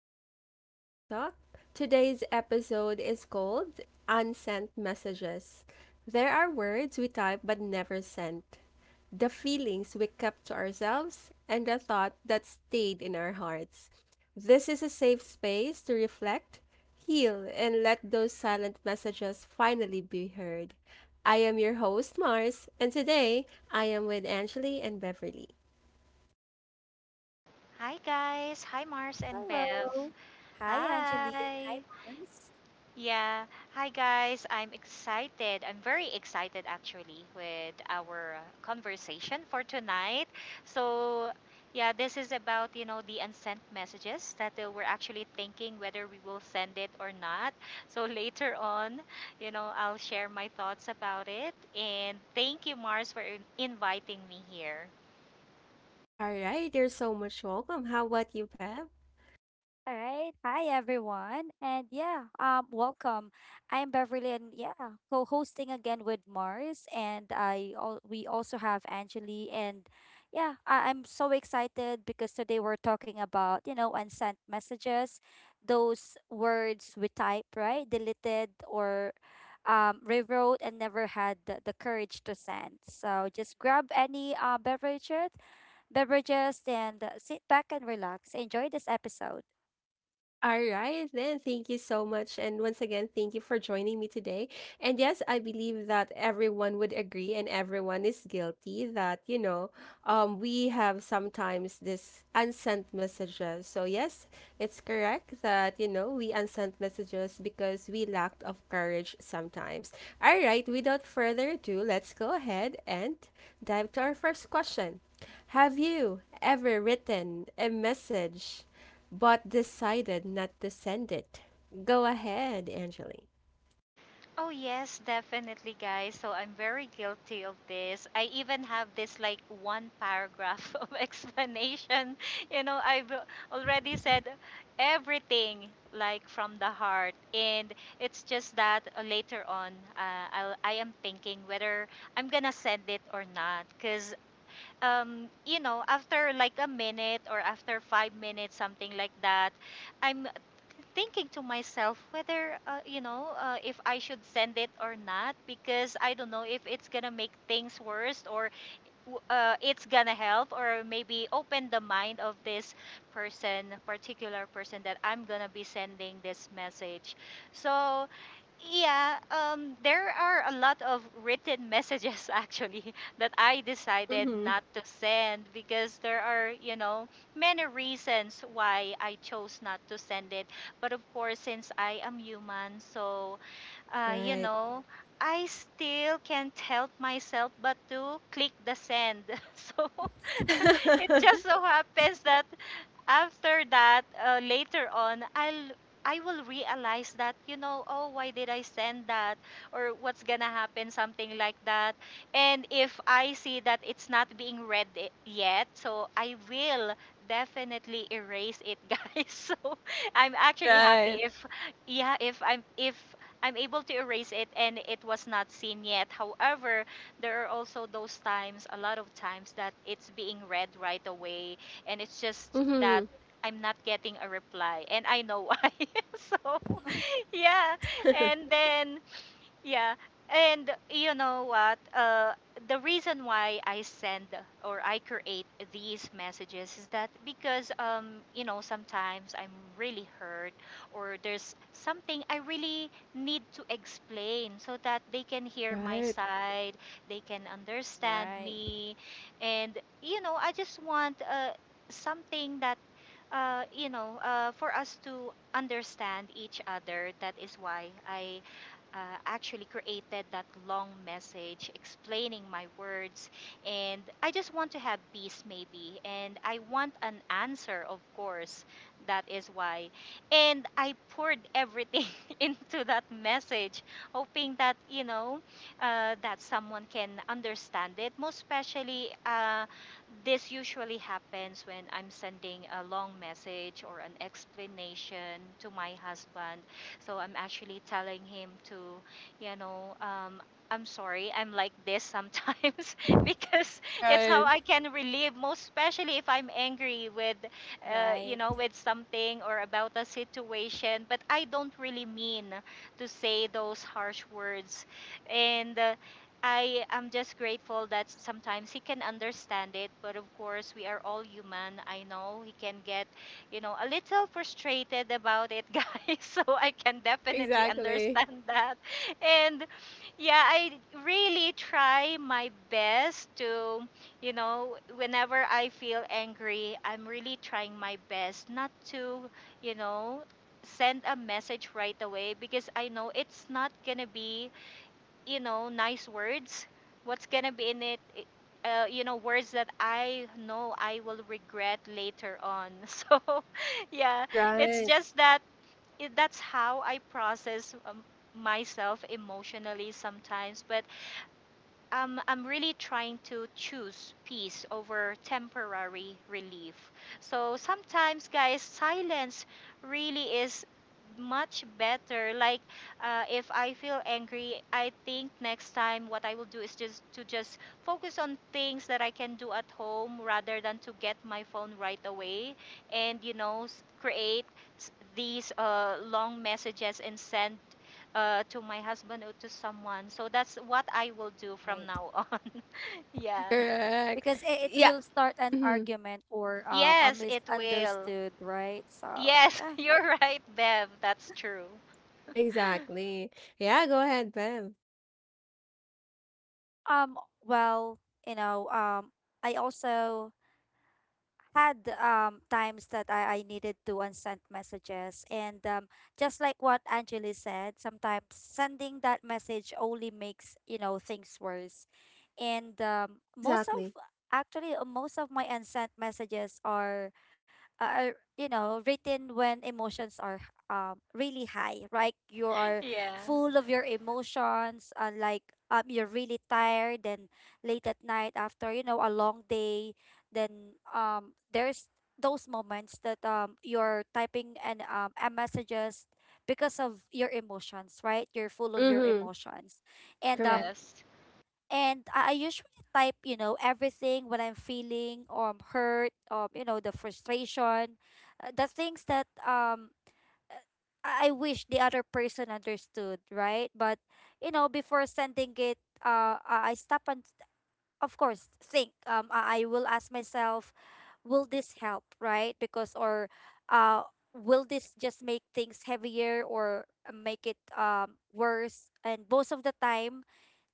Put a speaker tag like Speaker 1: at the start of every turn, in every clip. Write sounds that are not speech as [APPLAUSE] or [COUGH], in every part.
Speaker 1: and welcome to Glow Talk. Today's episode is called Unsent Messages. There are words we type but never sent, the feelings we kept to ourselves, and the thought that stayed in our hearts. This is a safe space to reflect, heal, and let those silent messages finally be heard. I am your host, Mars, and today I am with Angeli and Beverly.
Speaker 2: Hi guys, hi Mars and Bev.
Speaker 3: Hello. Hi, Angeline. Hi,
Speaker 2: Hi.
Speaker 3: Mons.
Speaker 2: Yeah, hi guys. I'm excited. I'm very excited actually with our conversation for tonight. So, yeah, this is about, the unsent messages that we're actually thinking whether we will send it or not. So, [LAUGHS] later on, I'll share my thoughts about it. And thank you Mars for inviting me here.
Speaker 1: All right, you're so much welcome. How about you, Bev?
Speaker 3: All right. Hi, everyone. And yeah, welcome. I'm Beverly and yeah, co-hosting again with Mars. And we also have Angeli. And yeah, I'm so excited because today we're talking about, you know, unsent messages, those words we type, right? Deleted or rewrote and never had the courage to send. So just grab any beverages and sit back and relax. Enjoy this episode.
Speaker 1: All right, then. Thank you so much. And once again, thank you for joining me today. And yes, I believe that everyone would agree and everyone is guilty that, we have sometimes this unsent messages. So, yes, it's correct that, we unsent messages because we lacked of courage sometimes. All right, without further ado, let's go ahead and dive to our first question. Have you ever written a message but decided not to send it? Go ahead, Angeli.
Speaker 2: Oh yes, definitely guys. So I'm very guilty of this. I even have this like one paragraph [LAUGHS] of explanation. You know, I've already
Speaker 3: [LAUGHS]
Speaker 2: said everything like from the heart, and it's just that later on I am thinking whether I'm going to send it or not, cuz you know, after like a minute or after 5 minutes something like that, I'm thinking to myself whether you know, if I should send it or not, because I don't know if it's gonna make things worse or it's gonna help, or maybe open the mind of this person particular person that I'm gonna be sending this message. so yeah, there are a lot of written messages [LAUGHS] actually that I decided
Speaker 1: Mm-hmm.
Speaker 2: not to send because there are, many reasons why I chose not to send it. But of course, since I am human, uh, you
Speaker 1: Right.
Speaker 2: know, I still can't help myself but to click the send. [LAUGHS] So [LAUGHS] it
Speaker 1: [LAUGHS]
Speaker 2: just so happens that after that, later on, I will realize that, you know, oh, why did I send that, or what's gonna happen, something like that. And if I see that it's not being read yet, so I will definitely erase it, [LAUGHS] guys. So I'm actually happy
Speaker 1: Right.
Speaker 2: if, yeah, if I'm able to erase it and it was not seen yet. However, there are also those times, a lot of times that it's being read right away, and it's just that
Speaker 1: Mm-hmm.
Speaker 2: I'm not getting a reply and I know why. [LAUGHS] So, yeah. And
Speaker 1: [LAUGHS]
Speaker 2: then yeah. And you know what? The reason why I send or I create these messages is that because, you know, sometimes I'm really hurt, or there's something I really need to explain so that they can hear my
Speaker 1: Right.
Speaker 2: side, they can understand
Speaker 3: Right,
Speaker 2: me. And, you know, I just want something that, for us to understand each other. That is why I uh, actually created that long message explaining my words, and I just want to have peace maybe, and I want an answer, of course. That is why. And I poured everything [LAUGHS] into that message, hoping that, you know, that someone can understand it, most especially this usually happens when I'm sending a long message or an explanation to my husband. So I'm actually telling him to, you know, um, I'm sorry, I'm like this sometimes [LAUGHS] because it's how
Speaker 1: Right.
Speaker 2: I can relieve, most especially if I'm angry with,
Speaker 3: right,
Speaker 2: with something or about a situation. But I don't really mean to say those harsh words. And I am just grateful that sometimes he can understand it, but of course, we are all human. I know he can get, you know, a little frustrated about it, [LAUGHS] guys. So I can definitely
Speaker 1: Exactly.
Speaker 2: understand that. And yeah, I really try my best to, you know, whenever I feel angry, I'm really trying my best not to, you know, send a message right away because I know it's not gonna be, you know, nice words. What's gonna be in it? I- You know, words that I know I will regret later on. [LAUGHS] So, yeah, it's
Speaker 1: Right.
Speaker 2: just that that's how I process myself emotionally sometimes. But I'm really trying to choose peace over temporary relief. So sometimes, guys, silence really is much better. Like, if I feel
Speaker 3: mhm,
Speaker 2: angry, I think next time what I will do is just to just focus on things that I can do at home rather than to get my phone right away and create s- these long messages and send to my husband or to someone. So that's what I will do from
Speaker 3: right.
Speaker 2: now on. [LAUGHS] Yeah.
Speaker 1: Correct.
Speaker 3: Because it
Speaker 1: Yeah.
Speaker 3: will start an
Speaker 1: Hmm.
Speaker 3: argument or a
Speaker 2: Yes, it will.
Speaker 3: misunderstood, right? So
Speaker 2: Yes, [LAUGHS]
Speaker 3: yeah.
Speaker 2: you're right, Bev. That's true. [LAUGHS]
Speaker 1: Exactly. Yeah, go ahead, Bev.
Speaker 3: Well, you know. I also had times that I needed to unsend messages, and just like what Angeli said, sometimes sending that message only makes, you know, things worse. And most of
Speaker 1: Exactly.
Speaker 3: actually most of my unsent messages are, you know, written when emotions are really high, right? You are
Speaker 2: Yeah.
Speaker 3: full of your emotions, like you're really tired and late at night after, you know, a long day. Then there's those moments that you're typing and messages because of your emotions, right? You're full of your
Speaker 1: Mm-hmm.
Speaker 3: emotions, and
Speaker 1: Correct.
Speaker 2: Yes.
Speaker 3: I usually type, you know, everything when I'm feeling hurt, you know, the frustration, the things that uh, I wish the other person understood, right? But you know, before sending it, I stop and, of course, think, I will ask myself, will this help, right? Because or will this just make things heavier or make it worse? And most of the time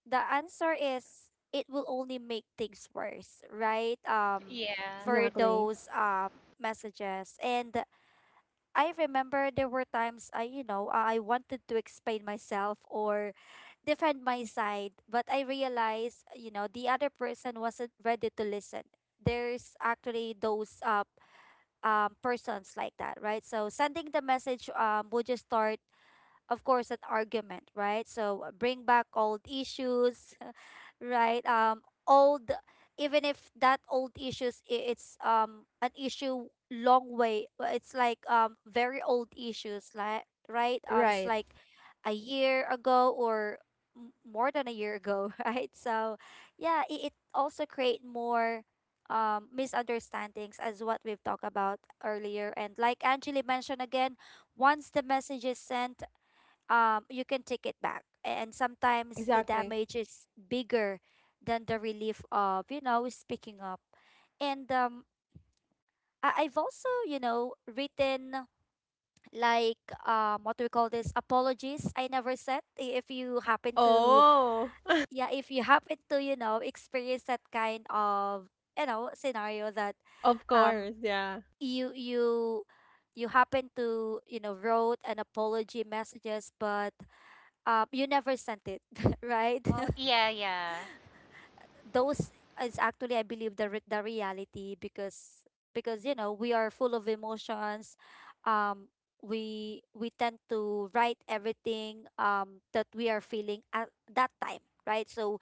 Speaker 3: the answer is it will only make things worse, right?
Speaker 2: Yeah.
Speaker 3: For
Speaker 1: Exactly.
Speaker 3: those messages, and I remember there were times I, you know, I wanted to explain myself or defend my side, but I realized, you know, the other person wasn't ready to listen. There's actually those persons like that, right? So sending the message would just start, of course, an argument, right? So bring back old issues [LAUGHS] right. Old Even if that old issues, it's an issue long way, it's like very old issues like, right, it's
Speaker 1: Right.
Speaker 3: like a year ago or more than a year ago. [LAUGHS] Right, so yeah, it also create more misunderstandings, as what we've talked about earlier. And like Angeli mentioned, again, once the message is sent, you can take it back, and sometimes the
Speaker 1: Exactly.
Speaker 3: damage is bigger than the relief of, you know, speaking up. And I've also, you know, written like what do we call this, apologies I never said. If you happen to,
Speaker 1: Oh. [LAUGHS]
Speaker 3: yeah, if you [LAUGHS] happen to, you know, experience that kind of, you know, scenario that
Speaker 1: Of
Speaker 3: um
Speaker 1: course. Yeah.
Speaker 3: you you you happen to, you know, wrote an apology messages, but you never sent it. [LAUGHS] Right,
Speaker 2: Oh, yeah, yeah.
Speaker 3: those is actually, I believe, the the reality, because you know we are full of emotions. um we tend to write everything, that we are feeling at that time, right? So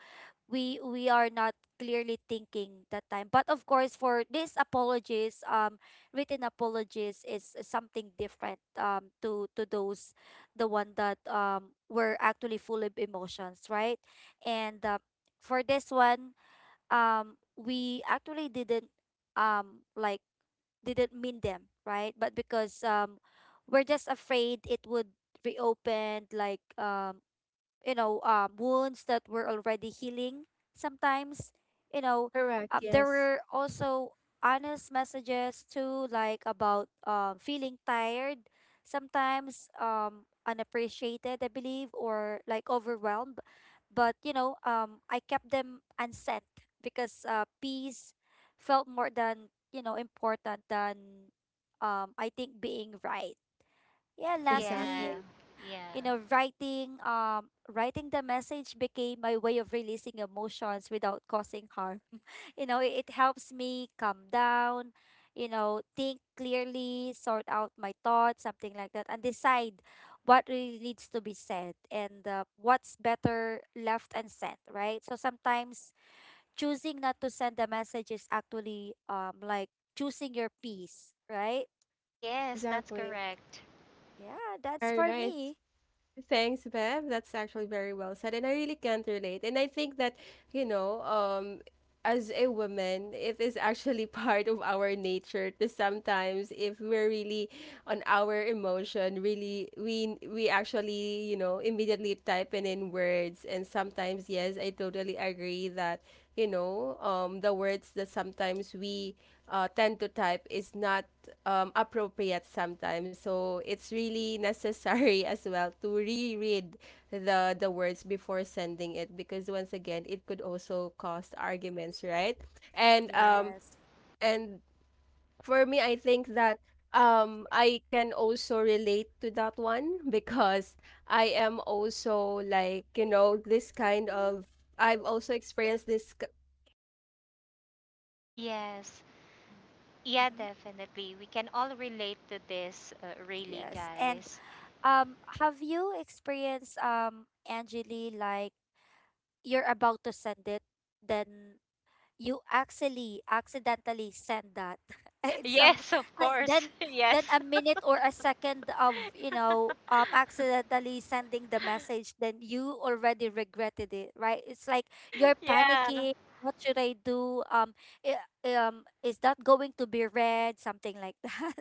Speaker 3: we are not clearly thinking that time. But of course, for these apologies, written apologies is something different, to those, the one that were actually full of emotions, right? And for this one, we actually didn't, um like didn't mean them, right? But because we're just afraid it would reopen like, you know, wounds that were already healing. Sometimes, you know,
Speaker 1: Correct.
Speaker 3: there
Speaker 1: Yes.
Speaker 3: were also honest messages too, like about feeling tired, sometimes unappreciated, I believe, or like overwhelmed. But you know, I kept them unsent because peace felt more than, you know, important than I think being right. Yeah,
Speaker 2: Yeah.
Speaker 3: lastly,
Speaker 1: Exactly.
Speaker 2: Yeah.
Speaker 3: you know, writing the message became my way of releasing emotions without causing harm. [LAUGHS] You know, it helps me calm down, you know, think clearly, sort out my thoughts, something like that, and decide what really needs to be said, and what's better left unsent, right? So sometimes choosing not to send the message is actually choosing your peace, right?
Speaker 2: Yes, that's
Speaker 1: Exactly.
Speaker 2: correct.
Speaker 3: Yeah, that's
Speaker 1: All
Speaker 3: for
Speaker 1: right.
Speaker 3: me.
Speaker 1: Thanks, Bev. That's actually very well said. And I really can't relate. And I think that, you know, um, as a woman, it is actually [LAUGHS] part of our nature to sometimes, if we're really on our emotion, really, we actually, you know, immediately type in words. And sometimes, yes, I totally agree that, the words that sometimes we tend to type is not appropriate sometimes. So it's really necessary [LAUGHS] as well to reread the words before sending it because once again it could also cause arguments, right? And um
Speaker 3: Yes.
Speaker 1: and for me I think that I can also relate to that one because I am also like, you know, this kind of I've also experienced this k-
Speaker 2: Yes. Yeah,
Speaker 3: Mm-hmm.
Speaker 2: definitely. We can all relate to this, really,
Speaker 3: Yes. And
Speaker 2: guys.
Speaker 3: have you experienced, Angeli, like you're about to send it, then you actually accidentally send that? [LAUGHS]
Speaker 2: [LAUGHS]
Speaker 3: It's some
Speaker 2: Yes, of
Speaker 3: like,
Speaker 2: course. [LAUGHS]
Speaker 3: then
Speaker 2: Yes.
Speaker 3: a minute or a second of, you know,
Speaker 2: [LAUGHS]
Speaker 3: accidentally sending the message, then you already regretted it, right? It's like you're
Speaker 2: Yeah.
Speaker 3: panicking, what should I do? Is that going to be read? Something like that.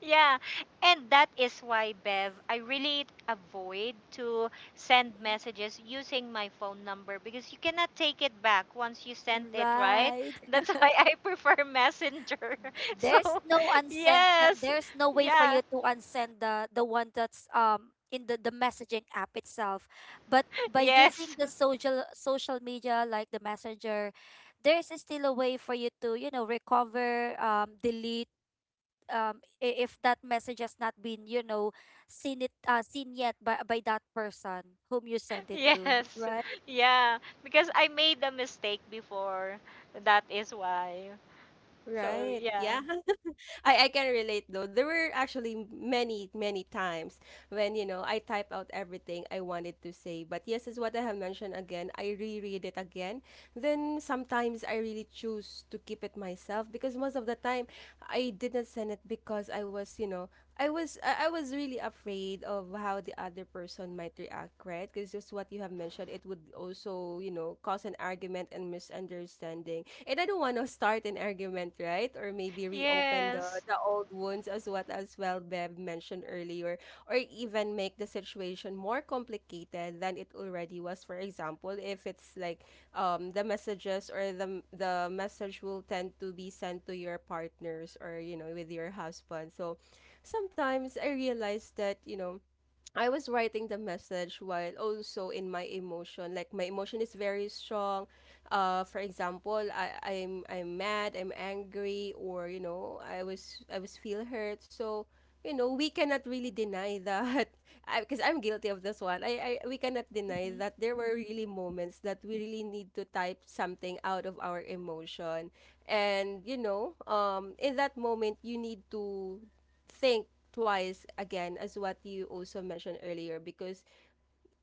Speaker 2: Yeah, and that is why, Bev, I really avoid to send
Speaker 3: [LAUGHS]
Speaker 2: messages using my phone number because you cannot take it back once you sent
Speaker 3: Mhm.
Speaker 2: it, right?
Speaker 3: Right.
Speaker 2: [LAUGHS] That's why I prefer Messenger. [LAUGHS] So,
Speaker 3: There's no unsend that,
Speaker 2: yes,
Speaker 3: there's no way for
Speaker 2: yeah,
Speaker 3: you to unsend the one that's in the messaging app itself, but by using
Speaker 2: yes,
Speaker 3: the social media like the messenger, there's still a way for you to, you know, recover, delete, if that message has not been, you know, seen yet by that person whom you send
Speaker 2: [LAUGHS]
Speaker 3: it to,
Speaker 2: yes,
Speaker 3: right?
Speaker 2: yeah, because I made a mistake before. That is why. So,
Speaker 1: right.
Speaker 2: yeah,
Speaker 1: Yeah. I can relate though. There were actually many, many times when, you know, I type out everything I wanted to say. But yes, is what I have mentioned again. I reread it again. Then sometimes I really choose to keep it myself because most of the time I didn't send it because I was, you know, I was really afraid of how the other person might react, right? Because just what you have mentioned, it would also, you know, cause an argument and misunderstanding and I don't want to start an argument, right? Or maybe reopen the
Speaker 2: yes,
Speaker 1: the old wounds as what as well Bev mentioned earlier, or even make the situation more complicated than it already was. For example, if it's like the messages or the message will tend to be sent to your partners or you know with your husband. So sometimes I realize that you know I was writing the message while also in my emotion. Like my emotion is very strong. For example, I'm mad, I'm angry, or you know, I was feel hurt. So, you know, we cannot really deny that [LAUGHS] because I'm guilty of this one. I we cannot deny
Speaker 3: Mm-hmm.
Speaker 1: that there were really moments that we really need to type something out of our emotion. And, you know, in that moment you need to think twice again as what you also mentioned earlier because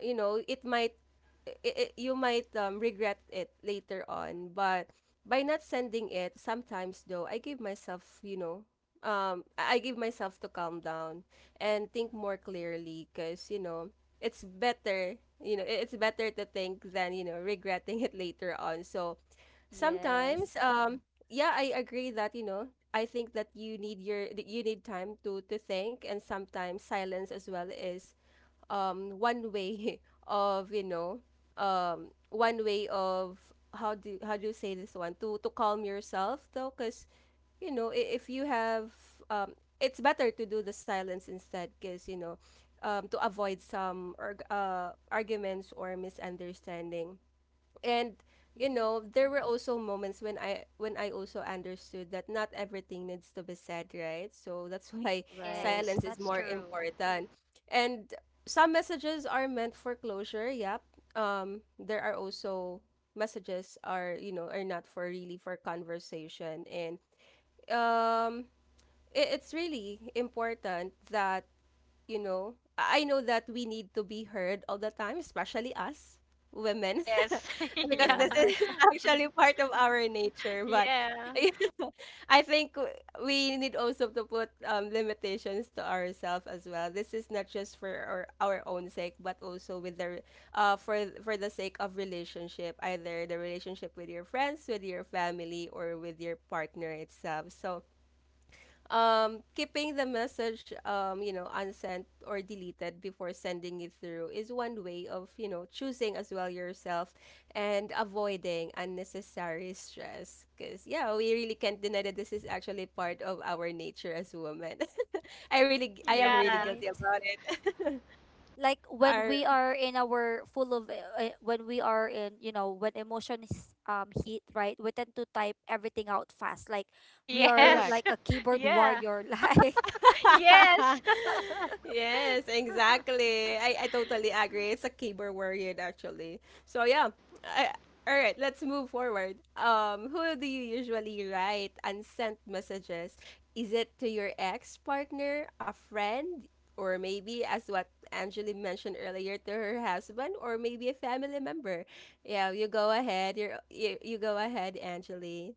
Speaker 1: you know it might I you might regret it later on, but by not sending it sometimes though I give myself you know I give myself to calm down and think more clearly because you know it's better to think than you know regretting [LAUGHS] it later on. So sometimes,
Speaker 3: Yes.
Speaker 1: yeah, I agree that, you know, I think that you need time to think, and sometimes silence as well is one way [LAUGHS] of, you know, one way of how do you say this one to calm yourself though, because you know if you have um it's better to do the silence instead because you know to avoid some arguments or misunderstanding. And you
Speaker 3: Mm-hmm.
Speaker 1: know there were also moments when I also understood that not everything needs to be said, right? So that's [LAUGHS] why
Speaker 3: Right.
Speaker 2: yes,
Speaker 1: silence is
Speaker 2: that's
Speaker 1: more
Speaker 2: true.
Speaker 1: important, and some messages are meant for closure. Yep. There are also messages are you know are not for really for conversation, and um it, it's really important that you know, I know that we need to be heard all the time, especially us women, [LAUGHS]
Speaker 2: Yes, [LAUGHS]
Speaker 3: [LAUGHS]
Speaker 1: because
Speaker 2: yeah.
Speaker 1: this
Speaker 3: Right,
Speaker 1: is [LAUGHS] actually part of our nature. But
Speaker 2: Yeah.
Speaker 1: [LAUGHS] I think we need also to put limitations to ourselves as well. This is not just for our own sake, but also with uh for for the sake of relationship, either the relationship with your friends, with your family, or with your partner itself. So keeping the message you know unsent or deleted before sending it through is one way of you know choosing as well yourself and avoiding unnecessary stress because yeah we really can't deny that this is actually part of our nature as women. [LAUGHS] I am really
Speaker 2: Yeah.
Speaker 1: guilty
Speaker 3: right.
Speaker 1: about it.
Speaker 3: Like,
Speaker 1: [LAUGHS]
Speaker 3: when
Speaker 1: Are
Speaker 3: we are in our full of when we are in, you know, when emotions hit, right, we tend to type everything out fast, like we are
Speaker 1: correct.
Speaker 2: Yes.
Speaker 3: like a
Speaker 2: [LAUGHS]
Speaker 3: keyboard
Speaker 2: Yeah.
Speaker 3: warrior. [LAUGHS] Like.
Speaker 1: [LAUGHS]
Speaker 2: Yes. [LAUGHS]
Speaker 1: Yes, exactly. I totally agree. It's a keyboard warrior actually. So yeah. I, all right, let's move forward. Who do you usually write unsent messages? Is it to your ex partner, a friend, or maybe as what Angeli mentioned earlier to her husband, or maybe a family member? Yeah, you go ahead. You go ahead, Angeli.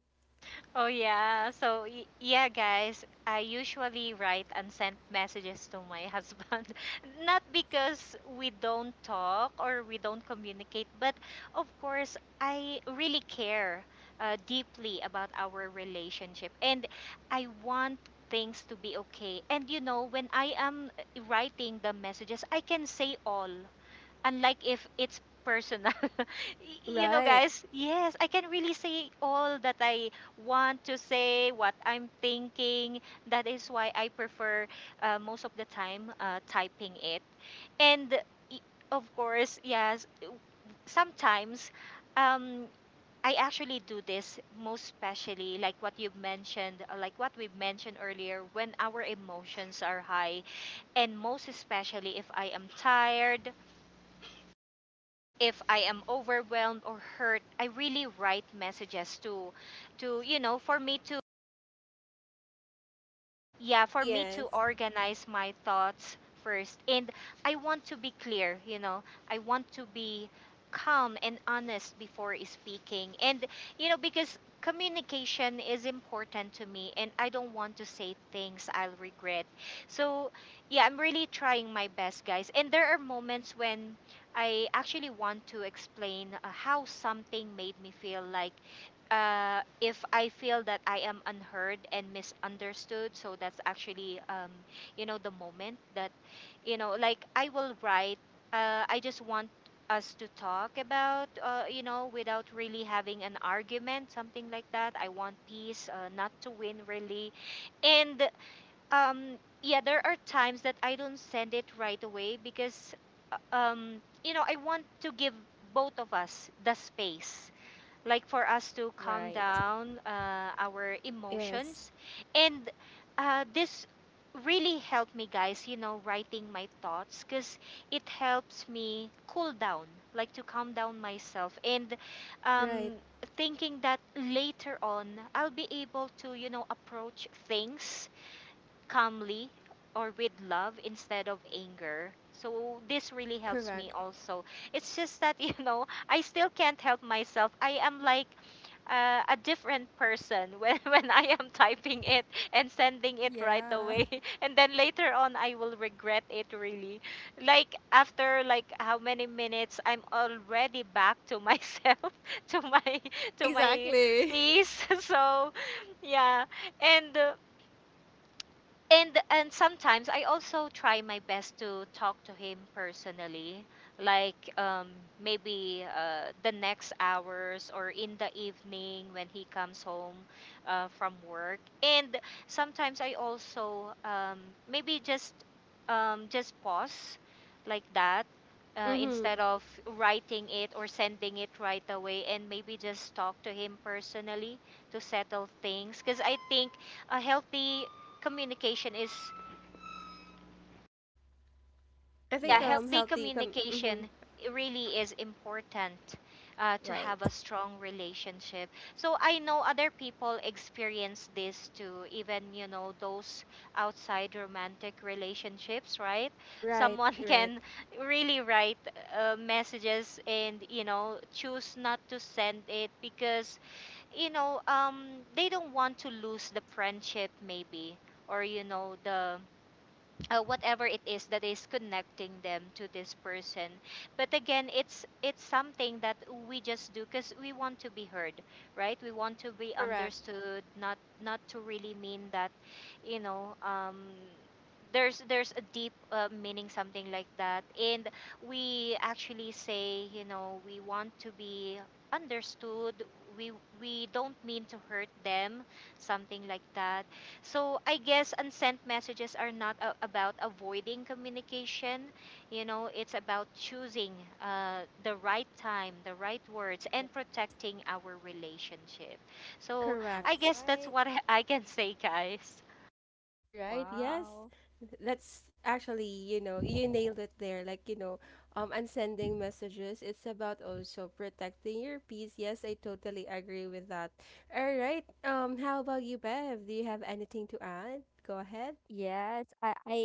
Speaker 2: Oh yeah. So yeah, guys, I usually write and send messages to my husband. [LAUGHS] Not because we don't talk or we don't communicate, but of course, I really care deeply about our relationship, and I want things to be okay. And you know, when I am writing the messages, I can say all, unlike if it's personal. [LAUGHS] You know,
Speaker 1: Right.
Speaker 2: guys, yes, I can really say all that I want to say, what I'm thinking. That is why I prefer, most of the time, typing it. And y- of course, yes, sometimes um, I actually do this, most especially like what you've mentioned, like what we've mentioned earlier, when our emotions are high, and most especially if I am tired, if I am overwhelmed or hurt, I really write messages to you know, for me to
Speaker 1: Yes.
Speaker 3: Mhm.
Speaker 2: organize my thoughts first, and I want to be clear, you know, I want to be calm and honest before speaking. And you know, because communication is important to me, and I don't want to say things I'll regret. So yeah, I'm really trying my best, guys, and there are moments when I actually want to explain how something made me feel, like if I feel that I am unheard and misunderstood. So that's actually, the moment that, you know, like I will write. I just want us to talk about, without really having an argument, something like that. I want peace, not to win, really. And um, yeah, there are times that I don't send it right away because, you know, I want to give both of us the space, like for us to calm
Speaker 3: Right.
Speaker 2: down our
Speaker 1: Yes.
Speaker 2: emotions. And this really helped me, guys, you know, writing my thoughts, because it helps me cool down, like to calm down myself. And
Speaker 1: Right.
Speaker 2: um, thinking that later on, I'll be able to, you know, approach things calmly or with love instead of anger. So this really helps
Speaker 1: Correct.
Speaker 2: me also. It's just that, [LAUGHS] you know, I still can't help myself. I am like a different person when, [LAUGHS] when I am typing it and sending it right
Speaker 3: Yeah.
Speaker 2: away. [LAUGHS] And then later on, I will regret it really. Like after like how many minutes, I'm already back to myself, [LAUGHS] to my [LAUGHS] to my
Speaker 1: Exactly. [LAUGHS]
Speaker 2: peace. [LAUGHS] So yeah, and uh, and and sometimes I also try my best to talk to him personally, like maybe the next hours or in the evening when he comes home from work. And sometimes I also, maybe just pause like that.
Speaker 1: Mm-hmm.
Speaker 2: Instead of writing it or sending it right away, and maybe just talk to him personally to settle things, because I think a healthy communication is
Speaker 1: I
Speaker 2: yeah
Speaker 1: think
Speaker 3: Yes.
Speaker 2: healthy
Speaker 1: mm-hmm.
Speaker 2: communication really is important to
Speaker 3: Right,
Speaker 2: have a strong relationship. So I know other people experience this too, even you know those outside romantic relationships, right?
Speaker 1: Right,
Speaker 2: Someone [LAUGHS]
Speaker 1: right.
Speaker 2: can really write messages and you know choose not to send it because, you know um, they don't want to lose the friendship maybe, or you know the whatever it is that is connecting them to this person. But again, it's something that we just do because we want to be heard, right? We want to be
Speaker 1: Correct.
Speaker 2: understood, not to really mean that, you know um there's a deep meaning, something like that. And we actually say, you know, we want to be understood. we we don't mean to hurt them, something like that. So I guess unsent messages are not about avoiding communication. You know, it's about choosing the right time, the right words,
Speaker 3: right.
Speaker 2: and protecting our relationship. So I
Speaker 1: Correct.
Speaker 3: That's
Speaker 2: guess that's
Speaker 3: right.
Speaker 2: what [LAUGHS] I can say, guys.
Speaker 1: All right. Yes.
Speaker 3: Wow.
Speaker 1: That's actually, you know, you nailed it there. Like, you know, and sending messages, it's about also protecting your peace. Yes, I totally agree with that. All right. Um, how about you, Bev? Do you have anything to add? Go ahead.
Speaker 3: Yes, I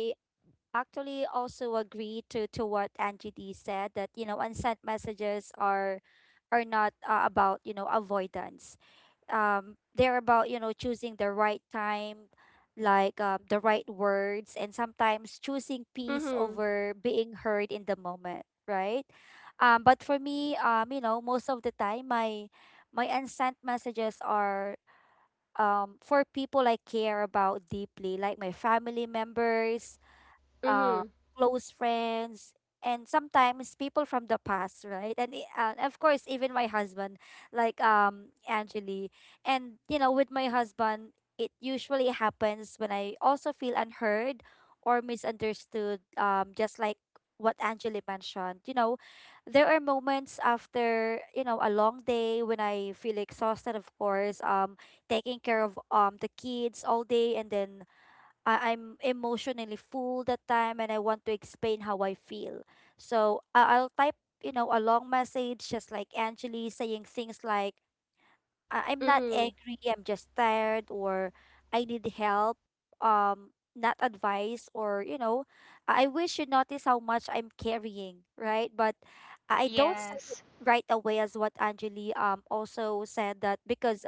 Speaker 3: actually also agree to what Angie D said, that you know, unsent messages are not, about, you know, avoidance. They're about, you know, choosing the right time, like, the right words, and sometimes choosing peace
Speaker 1: Mhm.
Speaker 3: over being heard in the moment, right? But for me, you know, most of the time my my unsent messages are for people I care about deeply, like my family members, uh,
Speaker 1: Mhm.
Speaker 3: close friends, and sometimes people from the past, right? And of course, even my husband, like Angeli, and you know, with my husband, it usually happens when I also feel unheard or misunderstood. Just like what Angeli mentioned, you know, there are moments after, you know, a long day when I feel exhausted. Of course, taking care of the kids all day, and then I'm emotionally full that time, and I want to explain how I feel. So I'll type, you know, a long message, just like Angeli, saying things like, I'm not
Speaker 1: Mhm.
Speaker 3: angry, I'm just tired, or I need help, not advice, or, you know, I wish you notice how much I'm carrying, right? But I don't say it
Speaker 2: Yes,
Speaker 3: right away, as what Angeli also said. That because,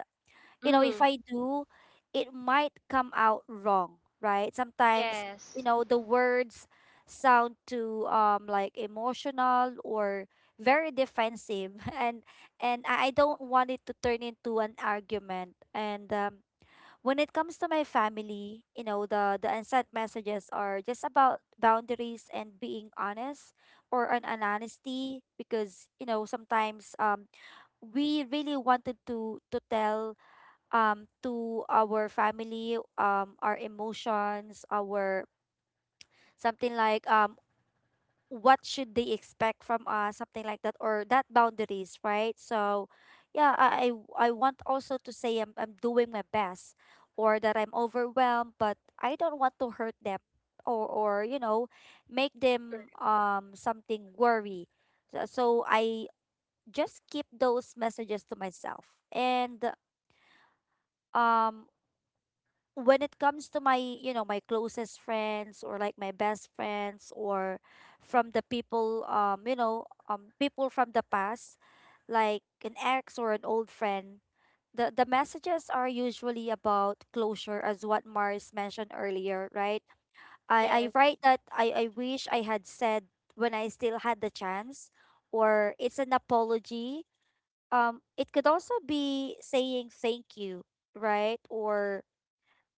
Speaker 3: you know, if
Speaker 1: Mhm.
Speaker 3: I do, it might come out wrong, right? Sometimes, you
Speaker 2: yes,
Speaker 3: know, the words sound too emotional or very defensive, [LAUGHS] and I don't want it to turn into an argument. And when it comes to my family, you know, the unsent messages are just about boundaries and being honest, or an honesty, because, you know, sometimes we really wanted to tell to our family our emotions, our something, like what should they expect from us, something like that, or that boundaries, right? So yeah, I want also to say I'm doing my best, or that I'm overwhelmed, but I don't want to hurt them, or, you know, make them something worry. So, so I just keep those messages to myself. And um when it comes to my, you know, my closest friends, or like my best friends, or from the people, you know, people from the past, like an ex or an old friend, the messages are usually about closure, as what Mars mentioned earlier, right? I
Speaker 1: Yes.
Speaker 3: write that I wish I had said when I still had the chance, or it's an apology, it could also be saying thank you, right? Or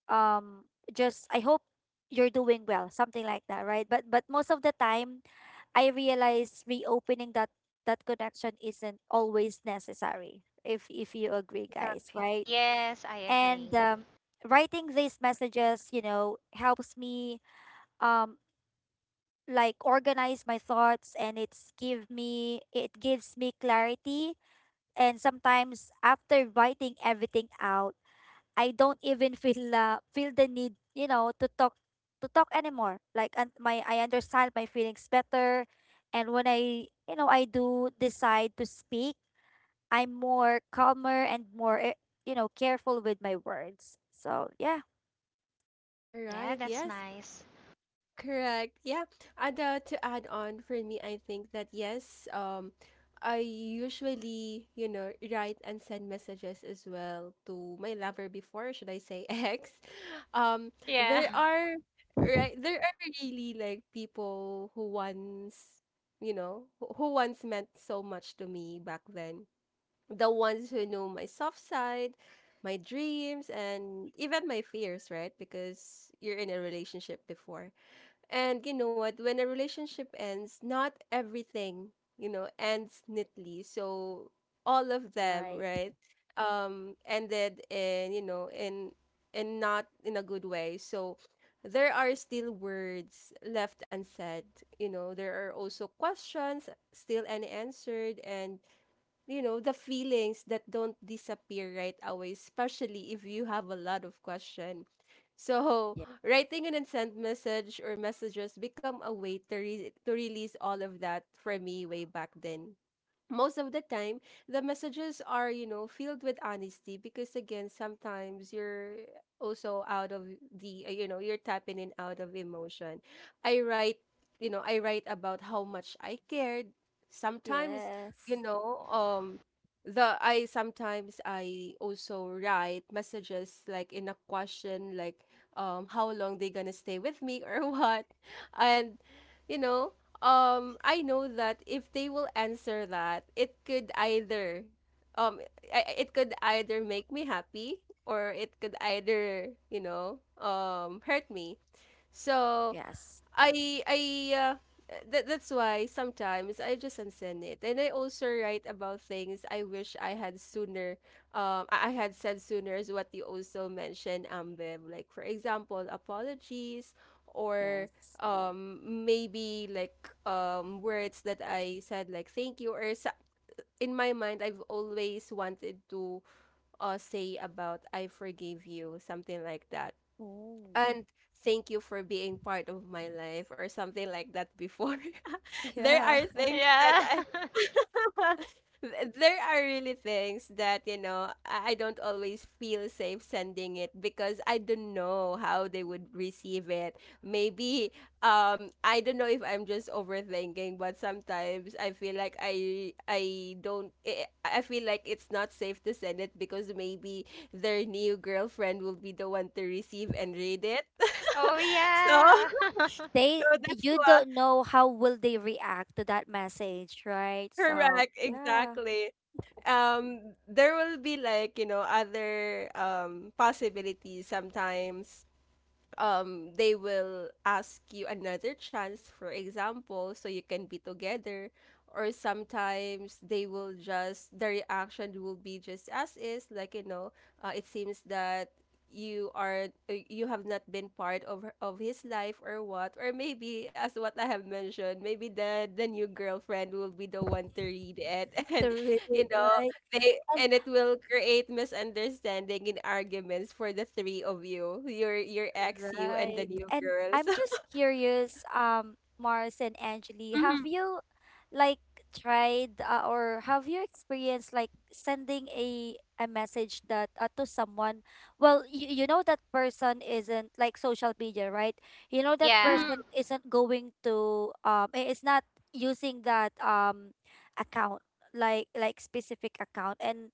Speaker 3: um just I hope you're doing well, something like that, right? But most of the time I realize reopening that that connection isn't always necessary, if you agree, guys,
Speaker 1: Exactly.
Speaker 3: right?
Speaker 2: yes, I agree.
Speaker 3: And writing these messages, you know, helps me um organize my thoughts, and it's give me, it gives me clarity. And sometimes after writing everything out, I don't even feel, the need, you know, to talk anymore. Like, and my, I understand my feelings better, and when I, you know, I do decide to speak, I'm more calmer and more you know, careful with my words. So yeah.
Speaker 1: All
Speaker 2: Yeah,
Speaker 1: right.
Speaker 2: that's
Speaker 1: Yes.
Speaker 2: nice.
Speaker 1: Correct. Yeah. And to add on for me, I think that yes, I usually, you know, write and send messages as well to my lover before, should I say [LAUGHS] ex. Um,
Speaker 2: Yeah,
Speaker 1: there
Speaker 3: Mm.
Speaker 1: are right there are really like people who once, you know, who once meant so much to me back then. The ones who know my soft side, my dreams, and even my fears, right? Because you're in a relationship before and you know what? When a relationship ends, not everything, you know, ends neatly. So all of them,
Speaker 3: Right.
Speaker 1: right, ended in, you know, in not in a good way. So there are still words left unsaid. You know, there are also questions still unanswered and you know, the feelings that don't disappear right away, especially if you have a lot of question. So,
Speaker 3: Yeah.
Speaker 1: [LAUGHS] writing an instant message or messages become a way to, to release all of that for me way back then. Most of the time the messages are you know filled with honesty because again sometimes you're also out of the you know you're tapping in out of emotion. I write you know I write about how much I cared sometimes. You
Speaker 3: Yes,
Speaker 1: know the I sometimes I also write messages like in a question like how long they gonna stay with me or [LAUGHS] what. And you know I know that if they will answer that, it could either, um, it could either make me happy or it could either, you know, hurt me. So
Speaker 3: yes,
Speaker 1: I that that's why sometimes I just unsend it, and I also write about things I wish I had sooner. I had said sooner is what you also mentioned, Ambev. Like for example, apologies, or
Speaker 3: yes.
Speaker 1: maybe like words that I said like thank you or in my mind I've always wanted to say about I forgive you something like that,
Speaker 3: Oh.
Speaker 1: and thank you for being part of my life or something like that before. [LAUGHS]
Speaker 3: [LAUGHS]
Speaker 1: There
Speaker 3: Yeah.
Speaker 1: are
Speaker 2: [LAUGHS]
Speaker 1: things that
Speaker 2: yeah.
Speaker 1: I [LAUGHS] there are really things that, you know, I don't always feel safe sending it because I don't know how they would receive it. Maybe I don't know if I'm just overthinking, but sometimes I feel like I don't I feel like it's not safe to send it because maybe their new girlfriend will be the one to receive and read it.
Speaker 2: [LAUGHS]
Speaker 1: [LAUGHS]
Speaker 2: Oh,
Speaker 1: So,
Speaker 2: yeah.
Speaker 3: They,
Speaker 1: so that's
Speaker 3: you
Speaker 1: why
Speaker 3: don't know how will they react to that message, right? So
Speaker 1: correct,
Speaker 3: yeah.
Speaker 1: exactly. There will be, like, other possibilities sometimes they will ask you another chance, for example, so you can be together. Or sometimes they will just, the reaction will be just as is, like it seems that you are, you have not been part of of his life or what. Or maybe, as what I have mentioned, maybe the new girlfriend will be the one to read it [LAUGHS] and
Speaker 3: To read it,
Speaker 1: you know
Speaker 3: right?
Speaker 1: they, and it will create misunderstanding and arguments for the three of you, your ex, you, and the
Speaker 3: Right.
Speaker 1: new
Speaker 3: And
Speaker 1: girl.
Speaker 3: I'm
Speaker 1: So
Speaker 3: just curious, Mars and
Speaker 1: [LAUGHS]
Speaker 3: Angeli,
Speaker 1: hmm,
Speaker 3: have you like tried or have you experienced like sending a message that to someone? Well, you know that person isn't like social media, right? You know
Speaker 2: [LAUGHS]
Speaker 3: that
Speaker 2: Yeah.
Speaker 1: hmm,
Speaker 3: person isn't going to is not using that account like specific account, and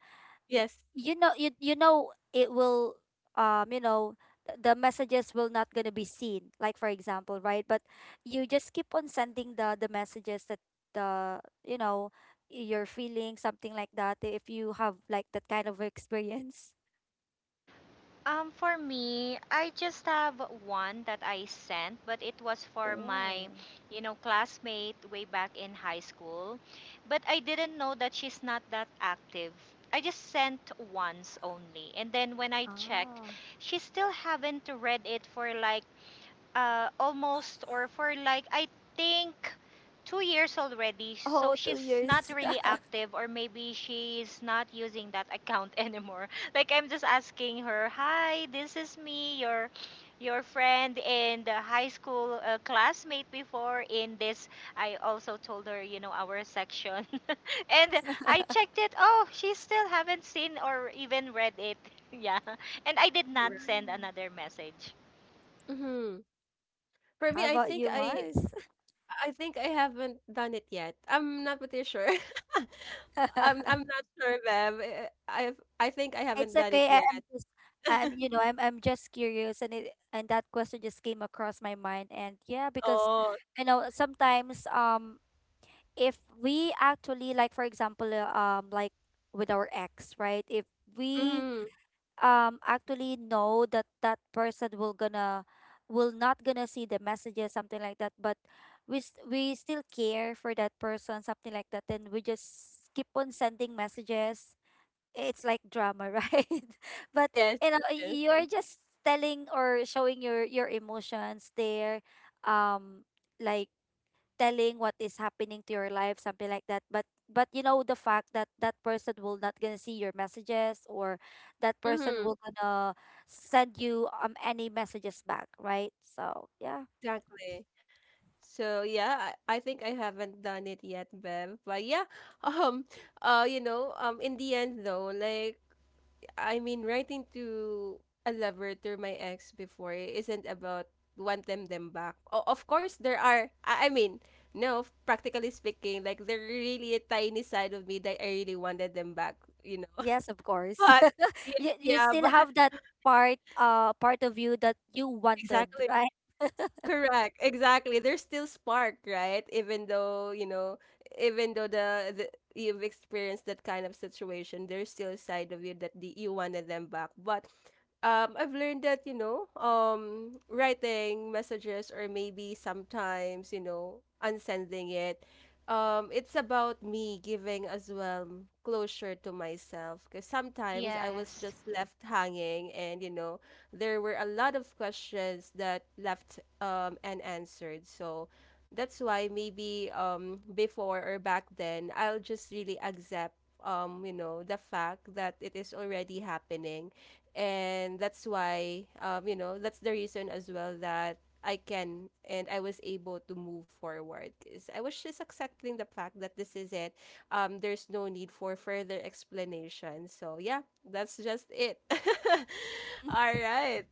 Speaker 1: yes,
Speaker 3: you know you know it will, um you know the messages will not gonna be seen, like for example, right? But you just keep on sending the messages that the you know you're feeling something like that if you have like that kind of experience.
Speaker 2: For me, I just have one that I sent, but it was for my,
Speaker 3: Oh.
Speaker 2: you know, classmate way back in high school. But I didn't know that she's not that active. I just sent once only. And then when I checked,
Speaker 3: Ah.
Speaker 2: she still haven't read it for like almost or for like I think 2 years already.
Speaker 3: Oh,
Speaker 2: So
Speaker 3: two
Speaker 2: she's not
Speaker 3: years
Speaker 2: really
Speaker 3: [LAUGHS]
Speaker 2: active, or maybe she's not using that account [LAUGHS] anymore. Like I'm just asking her, "Hi, this is me, your friend and the high school classmate before in this." I also told her, you know, our section, [LAUGHS] and I checked it. Oh, she still haven't seen or even read it. [LAUGHS] Yeah, and I did not send
Speaker 3: Mm.
Speaker 2: another message.
Speaker 1: mm-hmm. for me
Speaker 3: How
Speaker 1: i
Speaker 3: about
Speaker 1: think
Speaker 3: you,
Speaker 1: i
Speaker 3: Mars?
Speaker 1: I think I haven't done it yet, I'm not pretty sure. [LAUGHS] i'm
Speaker 3: [LAUGHS]
Speaker 1: i'm not sure, Bev. I think I
Speaker 3: It's
Speaker 1: haven't done it
Speaker 3: okay. I,
Speaker 1: yet.
Speaker 3: I'm just, I'm, I'm just curious, and it, and that question just came across my mind, and yeah, because,
Speaker 1: Oh,
Speaker 3: you know, sometimes, if we actually, like, for example, like with our ex, right? If we,
Speaker 1: mm-hmm,
Speaker 3: actually know that that person will gonna, will not gonna see the messages, something like that, but we, we still care for that person, something like that, then we just keep on sending messages. It's like drama, right? [LAUGHS] But
Speaker 1: yes,
Speaker 3: you know
Speaker 1: yes,
Speaker 3: you're just telling or showing your emotions there, um like telling what is happening to your life, something like that. But you know the fact that that person will not gonna see your messages, or that person
Speaker 1: mm-hmm,
Speaker 3: will gonna send you any messages back, right? So yeah.
Speaker 1: exactly. So yeah, I think I haven't done it yet, Bev. But yeah, [LAUGHS] um, in the end though, like writing to a lover through my ex before, it isn't about want them back. O- of course, there are. No, practically speaking, like there really a tiny side of me that I really wanted them back. You know,
Speaker 3: Yes, of
Speaker 1: [LAUGHS]
Speaker 3: course.
Speaker 1: but
Speaker 3: [LAUGHS]
Speaker 1: yeah,
Speaker 3: You
Speaker 1: yeah,
Speaker 3: still
Speaker 1: but
Speaker 3: have
Speaker 1: [LAUGHS]
Speaker 3: that part, uh, part of you that you wanted,
Speaker 1: exactly.
Speaker 3: right?
Speaker 1: Correct. Exactly. There's still spark, right? Even though, you know, even though the you've experienced that kind of situation, there's still a side of you that the, you wanted them back. But I've learned that, you know, writing messages or maybe sometimes, you know, unsending it. It's about me giving as well closure to myself, because sometimes I was
Speaker 2: Yes.
Speaker 1: just left hanging and, you know, there were a lot of questions that left unanswered. So that's why maybe, before or back then, I'll just really accept you know the fact that it is already happening. And that's why, you know, that's the reason as well that I can, and I was able to move forward because I was just accepting the fact that this is it, there's no need for further explanation. So, yeah, that's just it. [LAUGHS] All right.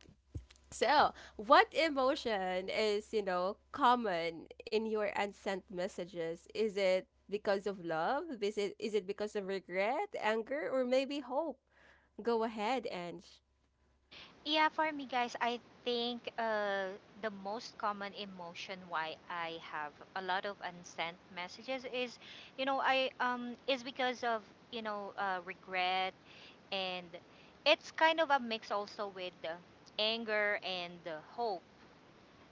Speaker 1: So, what emotion is, you know, common in your unsent messages? Is it because of love? Is it because of regret, anger, or maybe hope? Go ahead, Ange.
Speaker 2: Yeah, for me, guys, I think the most common emotion why I have a lot of unsent messages is, you know, I is because of regret, and it's kind of a mix also with anger and hope.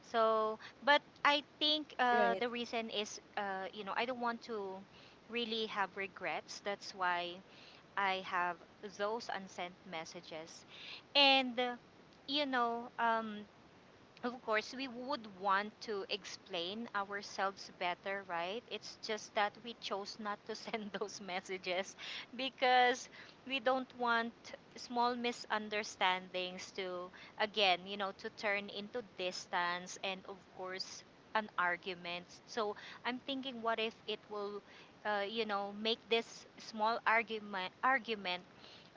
Speaker 2: So, but I think
Speaker 1: Right,
Speaker 2: the reason is, you know, I don't want to really have regrets. That's why I have those unsent messages. And, you know, of course we would want to explain ourselves better, right? It's just that we chose not to send [LAUGHS] those messages, because we don't want small misunderstandings to again, you know, to turn into distance and of course an argument. So I'm thinking, what if it will you know, make this small argument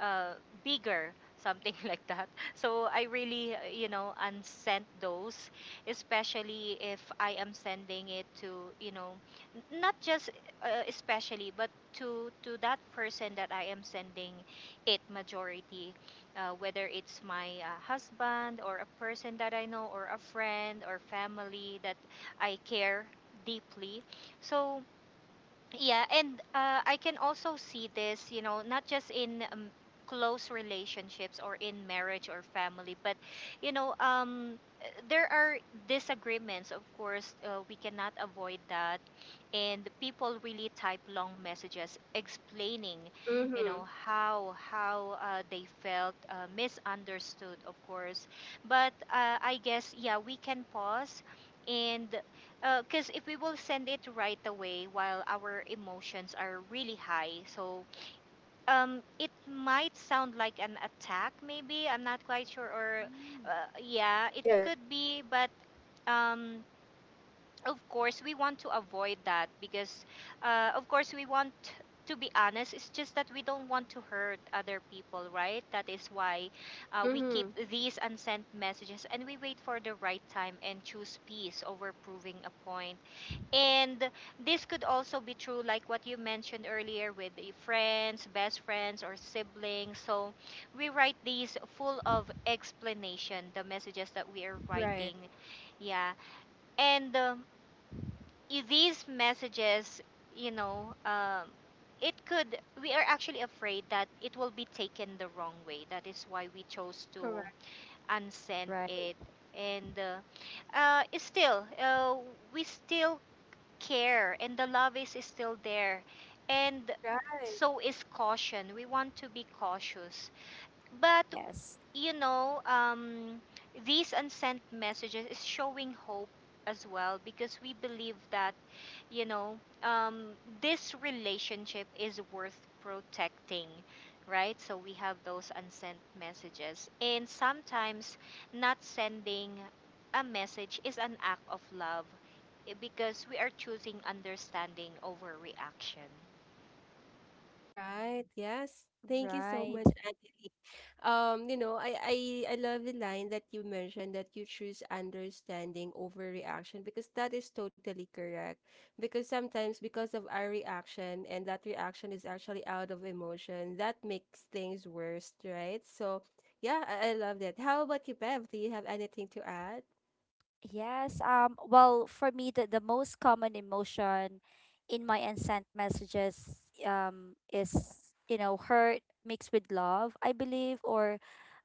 Speaker 2: uh, bigger, something [LAUGHS] like that. So I really, you know, unsent those, especially if I am sending it to, you know, not just especially, but to that person that I am sending it majority, whether it's my husband or a person that I know or a friend or family that I care deeply. So yeah, and I can also see this, you know, not just in close relationships or in marriage or family, but, you know, there are disagreements, of course. We cannot avoid that. And people really type long messages explaining, you
Speaker 1: mm-hmm,
Speaker 2: know, how they felt misunderstood, of course. But I guess, yeah, we can pause and because if we will send it right away while our emotions are really high, so it might sound like an attack, maybe I'm not quite sure, or uh, yeah, it
Speaker 1: yeah,
Speaker 2: could be, but um, of course we want to avoid that, because of course we want to be honest. It's just that we don't want to hurt other people, right? That is why we keep
Speaker 1: mm-hmm,
Speaker 2: these unsent messages, and we wait for the right time and choose peace over proving a point. And this could also be true, like what you mentioned earlier, with the friends, best friends, or siblings. So we write these full of explanation, the messages that we are
Speaker 1: right,
Speaker 2: writing. Yeah. And I- these messages, you know, it could, we are actually afraid that it will be taken the wrong way. That is why we chose to
Speaker 1: correct,
Speaker 2: unsend
Speaker 3: Right.
Speaker 2: it. And still, we still care, and the love is still there. And
Speaker 1: right.
Speaker 2: so is caution. We want to be cautious. But
Speaker 3: Yes.
Speaker 2: you know, these unsent messages is showing hope as well, because we believe that, you know, this relationship is worth protecting, right? So we have those unsent messages, and sometimes not sending a message is an act of love, eh, because we are choosing understanding over reaction.
Speaker 1: Right. Yes. Thank you so
Speaker 3: Right.
Speaker 1: much, Angeline. You know, I love the line that you mentioned that you choose understanding over reaction, because that is totally correct. Because sometimes because of our reaction, and that reaction is actually out of emotion, that makes things worse, right? So yeah, I love that. How about you, Bev? Do you have anything to add?
Speaker 3: Yes. Well, for me, the most common emotion in my unsent messages, is, you know, hurt mixed with love, I believe, or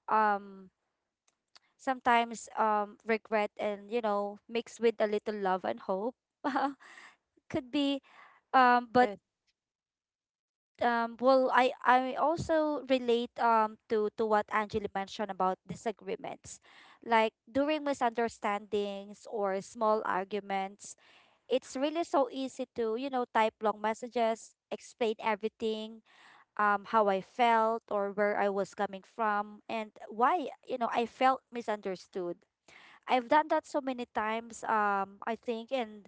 Speaker 3: um, sometimes regret and, you know, mixed with a little love and hope. [LAUGHS] Could be. But
Speaker 1: Yes,
Speaker 3: well, I also relate, to what Angela mentioned about disagreements, like during misunderstandings or small arguments. It's really so easy to, you know, type long messages, explain everything, how I felt or where I was coming from and why, you know, I felt misunderstood. I've done that so many times, I think. And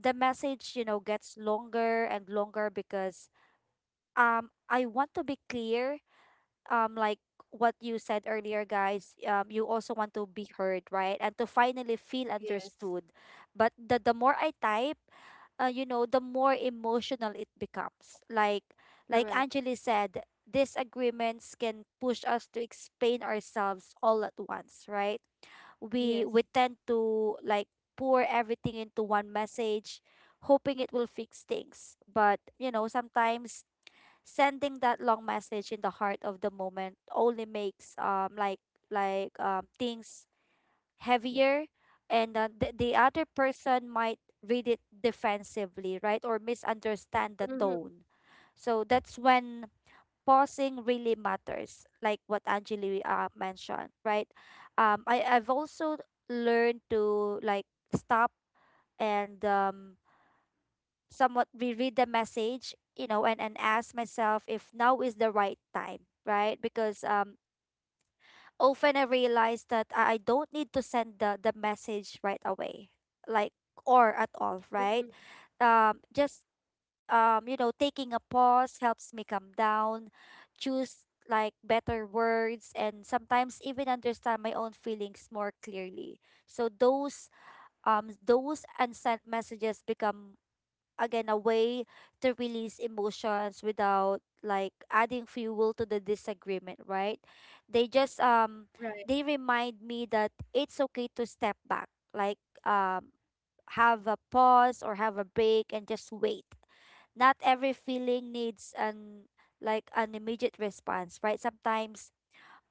Speaker 3: the message, you know, gets longer and longer because I want to be clear, um like what you said earlier, guys, you also want to be heard, right, and to finally feel
Speaker 1: yes.
Speaker 3: understood. But the more I type, you know, the more emotional it becomes. Like
Speaker 1: Correct.
Speaker 3: Angeli said, disagreements can push us to explain ourselves all at once, right?
Speaker 1: Yes.
Speaker 3: We tend to like pour everything into one message, hoping it will fix things. But, you know, sometimes sending that long message in the heart of the moment only makes things heavier. And the other person might read it defensively, right, or misunderstand the
Speaker 1: Mm-hmm,
Speaker 3: tone. So that's when pausing really matters, like what Angeli, mentioned, right? I've also learned to like stop and somewhat reread the message, you know, and ask myself if now is the right time, right? Because often I realize that I don't need to send the message right away, like, or at all, right?
Speaker 1: mm-hmm,
Speaker 3: Just you know, taking a pause helps me calm down, choose like better words, and sometimes even understand my own feelings more clearly. So those unsent messages become, again, a way to release emotions without like adding fuel to the disagreement, right? They just
Speaker 1: right,
Speaker 3: they remind me that it's okay to step back, like um have a pause or have a break and just wait. Not every feeling needs an, like an immediate response, right? Sometimes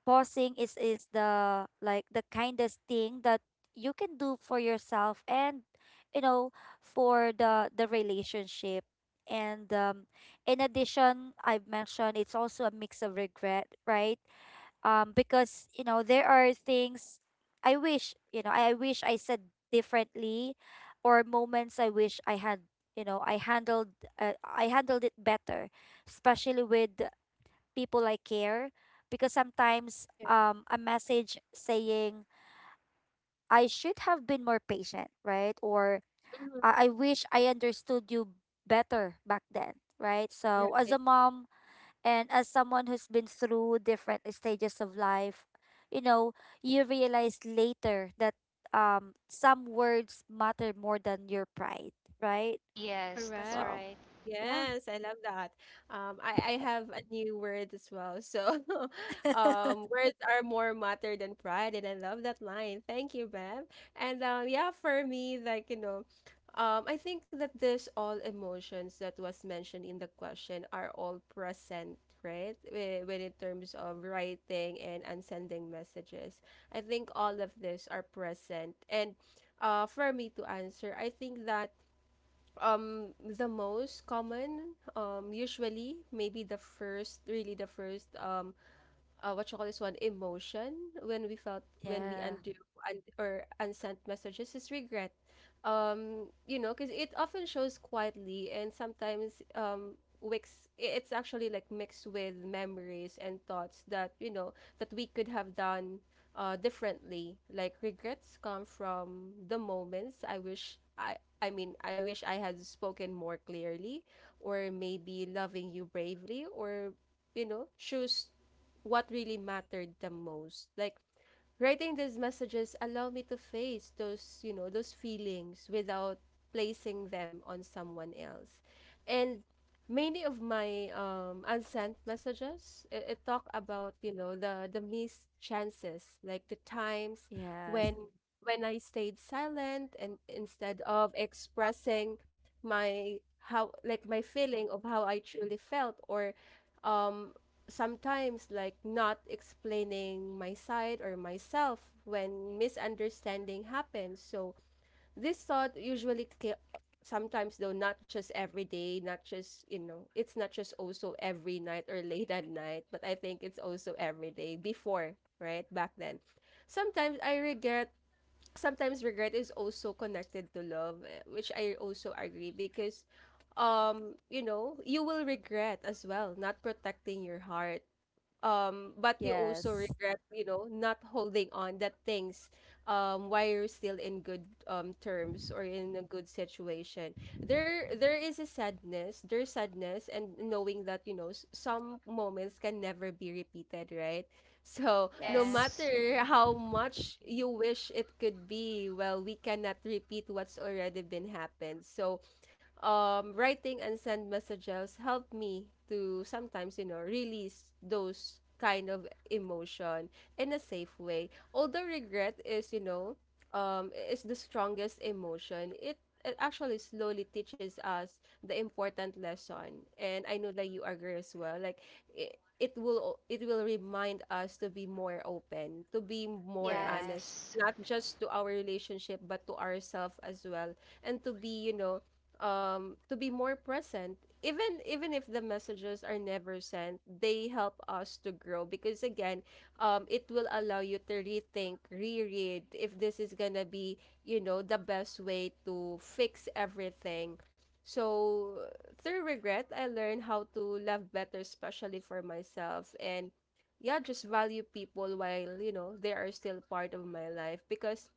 Speaker 3: pausing is the, like the kindest thing that you can do for yourself and, you know, for the relationship. And in addition, I've mentioned it's also a mix of regret, right? Because, you know, there are things I wish, you know, I wish I said differently, or moments I wish I had, you know, I handled, I handled it better, especially with people I care. Because sometimes
Speaker 1: yeah,
Speaker 3: a message saying I should have been more patient, right? Or
Speaker 1: mm-hmm,
Speaker 3: I wish I understood you better back then, right? So as
Speaker 1: right,
Speaker 3: a mom and as someone who's been through different stages of life, you know, you realize later that some words matter more than your pride, right?
Speaker 2: Yes, that's
Speaker 1: correct.
Speaker 3: So
Speaker 2: right.
Speaker 3: yeah.
Speaker 1: Yes, I love that. I have a new word as well. So, [LAUGHS]
Speaker 3: [LAUGHS]
Speaker 1: words are more matter than pride, and I love that line. Thank you, Bev. And yeah, for me, like you know, I think that this all emotions that was mentioned in the question are all present, right? When in terms of writing and sending messages, I think all of this are present. And for me to answer, I think that the most common usually maybe the first what you call this one, emotion when we felt when we
Speaker 3: Yeah.
Speaker 1: undo and or unsent messages is regret. You know, because it often shows quietly and sometimes wicks it's actually like mixed with memories and thoughts that, you know, that we could have done differently. Like regrets come from the moments I wish I had spoken more clearly, or maybe loving you bravely, or you know, choose what really mattered the most. Like writing these messages allowed me to face those, you know, those feelings without placing them on someone else. And many of my unsent messages it talk about, you know, the missed chances, like the times
Speaker 3: Yes.
Speaker 1: when when I stayed silent and instead of expressing my how like my feeling of how I truly felt, or um sometimes like not explaining my side or myself when misunderstanding happens. So this thought usually sometimes though, not just every day, not just you know, it's not just also every night or late at night, but I think it's also every day before, right? Back then, sometimes I regret, sometimes regret is also connected to love, eh, which I also agree, because you know, you will regret as well not protecting your heart, but you also
Speaker 3: Yes.
Speaker 1: regret, you know, not holding on that things while you're still in good terms or in a good situation. There is a sadness, there's sadness and knowing that you know some moments can never be repeated, right? So no
Speaker 3: Yes.
Speaker 2: Yes.
Speaker 1: matter how much you wish it could be, well, we cannot repeat what's already been happened. So writing and send messages help me to sometimes, you know, release those kind of emotion in a safe way. Although regret is, you know, is the strongest emotion, it actually slowly teaches us the important lesson. And I know that you agree as well. Like, it will remind us to be more open, to be more
Speaker 3: Yes.
Speaker 1: honest,
Speaker 2: Yes.
Speaker 1: not just to our relationship but to ourselves as well. And to be you know, to be more present. Even if the messages are never sent, they help us to grow, because again, it will allow you to rethink, reread if this is gonna be you know the best way to fix everything. So through regret, I learned how to love better, especially for myself, and yeah, just value people while you know they are still part of my life. Because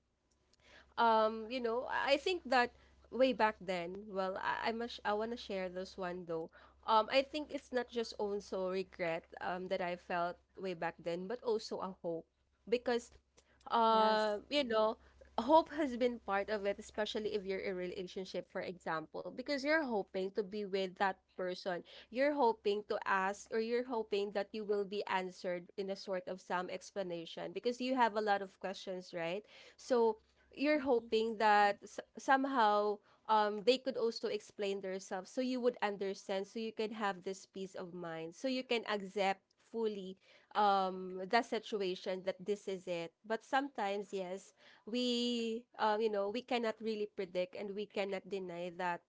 Speaker 1: you know I think that way back then, I must I want to share this one though, I think it's not just also regret that I felt way back then, but also a hope. Because
Speaker 3: Yes.
Speaker 1: you know, hope has been part of it, especially if you're in a relationship, for example, because you're hoping to be with that person, you're hoping to ask, or you're hoping that you will be answered in a sort of some explanation, because you have a lot of questions, right? So you're
Speaker 3: Hmm.
Speaker 1: hoping that somehow they could also explain themselves, so you would understand, so you can have this peace of mind, so you can accept fully the situation that this is it. But sometimes, yes, we you know, we cannot really predict and we cannot deny that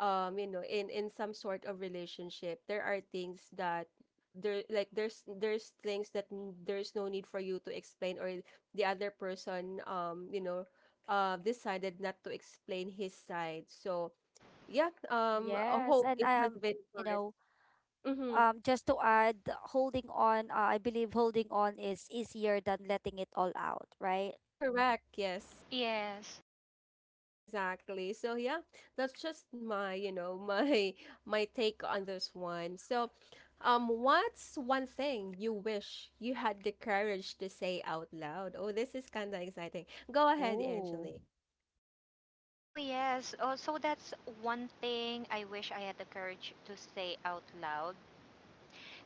Speaker 1: you know, in some sort of relationship, there are things that there's things that there's no need for you to explain, or the other person you know, decided not to explain his side. So yeah, I
Speaker 3: Yes,
Speaker 1: hope
Speaker 3: and
Speaker 1: it has been
Speaker 3: you
Speaker 1: correct.
Speaker 3: know,
Speaker 1: Mm-hmm.
Speaker 3: just to add, holding on, I believe holding on is easier than letting it all out, right?
Speaker 1: Correct. Yes.
Speaker 2: Yes.
Speaker 1: Exactly. So yeah, that's just my, you know, my [LAUGHS] my take on this one. So, what's one thing you wish you had the courage to say out loud? Oh, this is kind of exciting. Go ahead,
Speaker 3: Oh.
Speaker 1: Angeli.
Speaker 2: Oh, yes. Oh, so that's one thing I wish I had the courage to say out loud.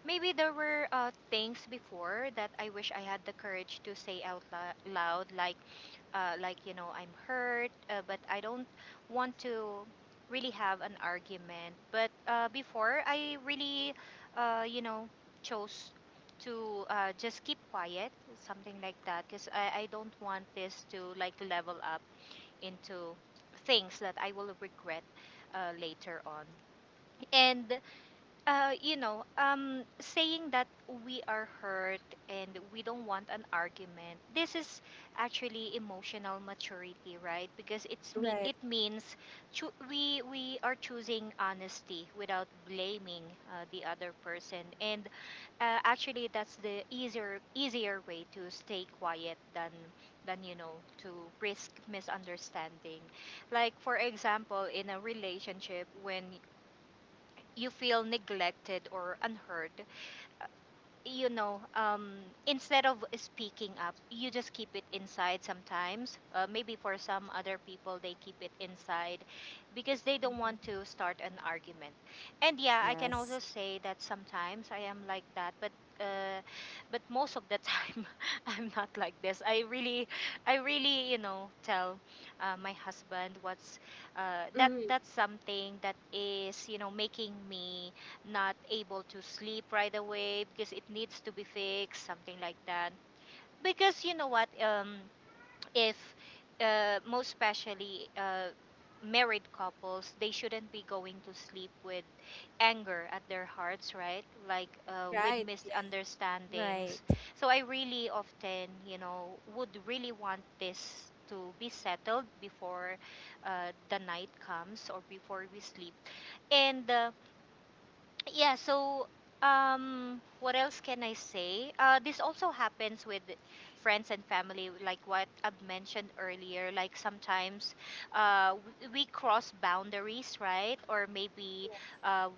Speaker 2: Maybe there were things before that I wish I had the courage to say loud, like you know, I'm hurt, but I don't want to really have an argument. But before, I really, you know, chose to just keep quiet, something like that, because I don't want this to like level up into things that I will regret later on. And you know, saying that we are hurt and we don't want an argument. This is actually emotional maturity, right? Because it's me.
Speaker 1: Right,
Speaker 2: It means we are choosing honesty without blaming the other person. And actually, that's the easier way to stay quiet than you know to risk misunderstanding. Like for example, in a relationship when you feel neglected or unheard, uh, you know, instead of speaking up, you just keep it inside sometimes. Maybe for some other people, they keep it inside because they don't want
Speaker 3: Mm-hmm.
Speaker 2: to start an argument. And yeah, I can also
Speaker 3: Yes.
Speaker 2: say that sometimes I am like that, but. Uh, but most of the time [LAUGHS] I'm not like this. I really, I really, you know, tell my husband what's that,
Speaker 1: mm-hmm,
Speaker 2: that's something that is, you know, making me not able to sleep right away, because it needs to be fixed, something like that. Because you know what, if most especially married couples, they shouldn't be going to sleep with anger at their hearts, right? Like with
Speaker 1: right, yes,
Speaker 3: Right.
Speaker 2: misunderstandings. So I really often, you know, would really want this to be settled before the night comes or before we sleep. And yeah, so what else can I say? This also happens with friends and family, like what I've mentioned earlier. Like sometimes uh, w- we cross boundaries, right? Or maybe uh,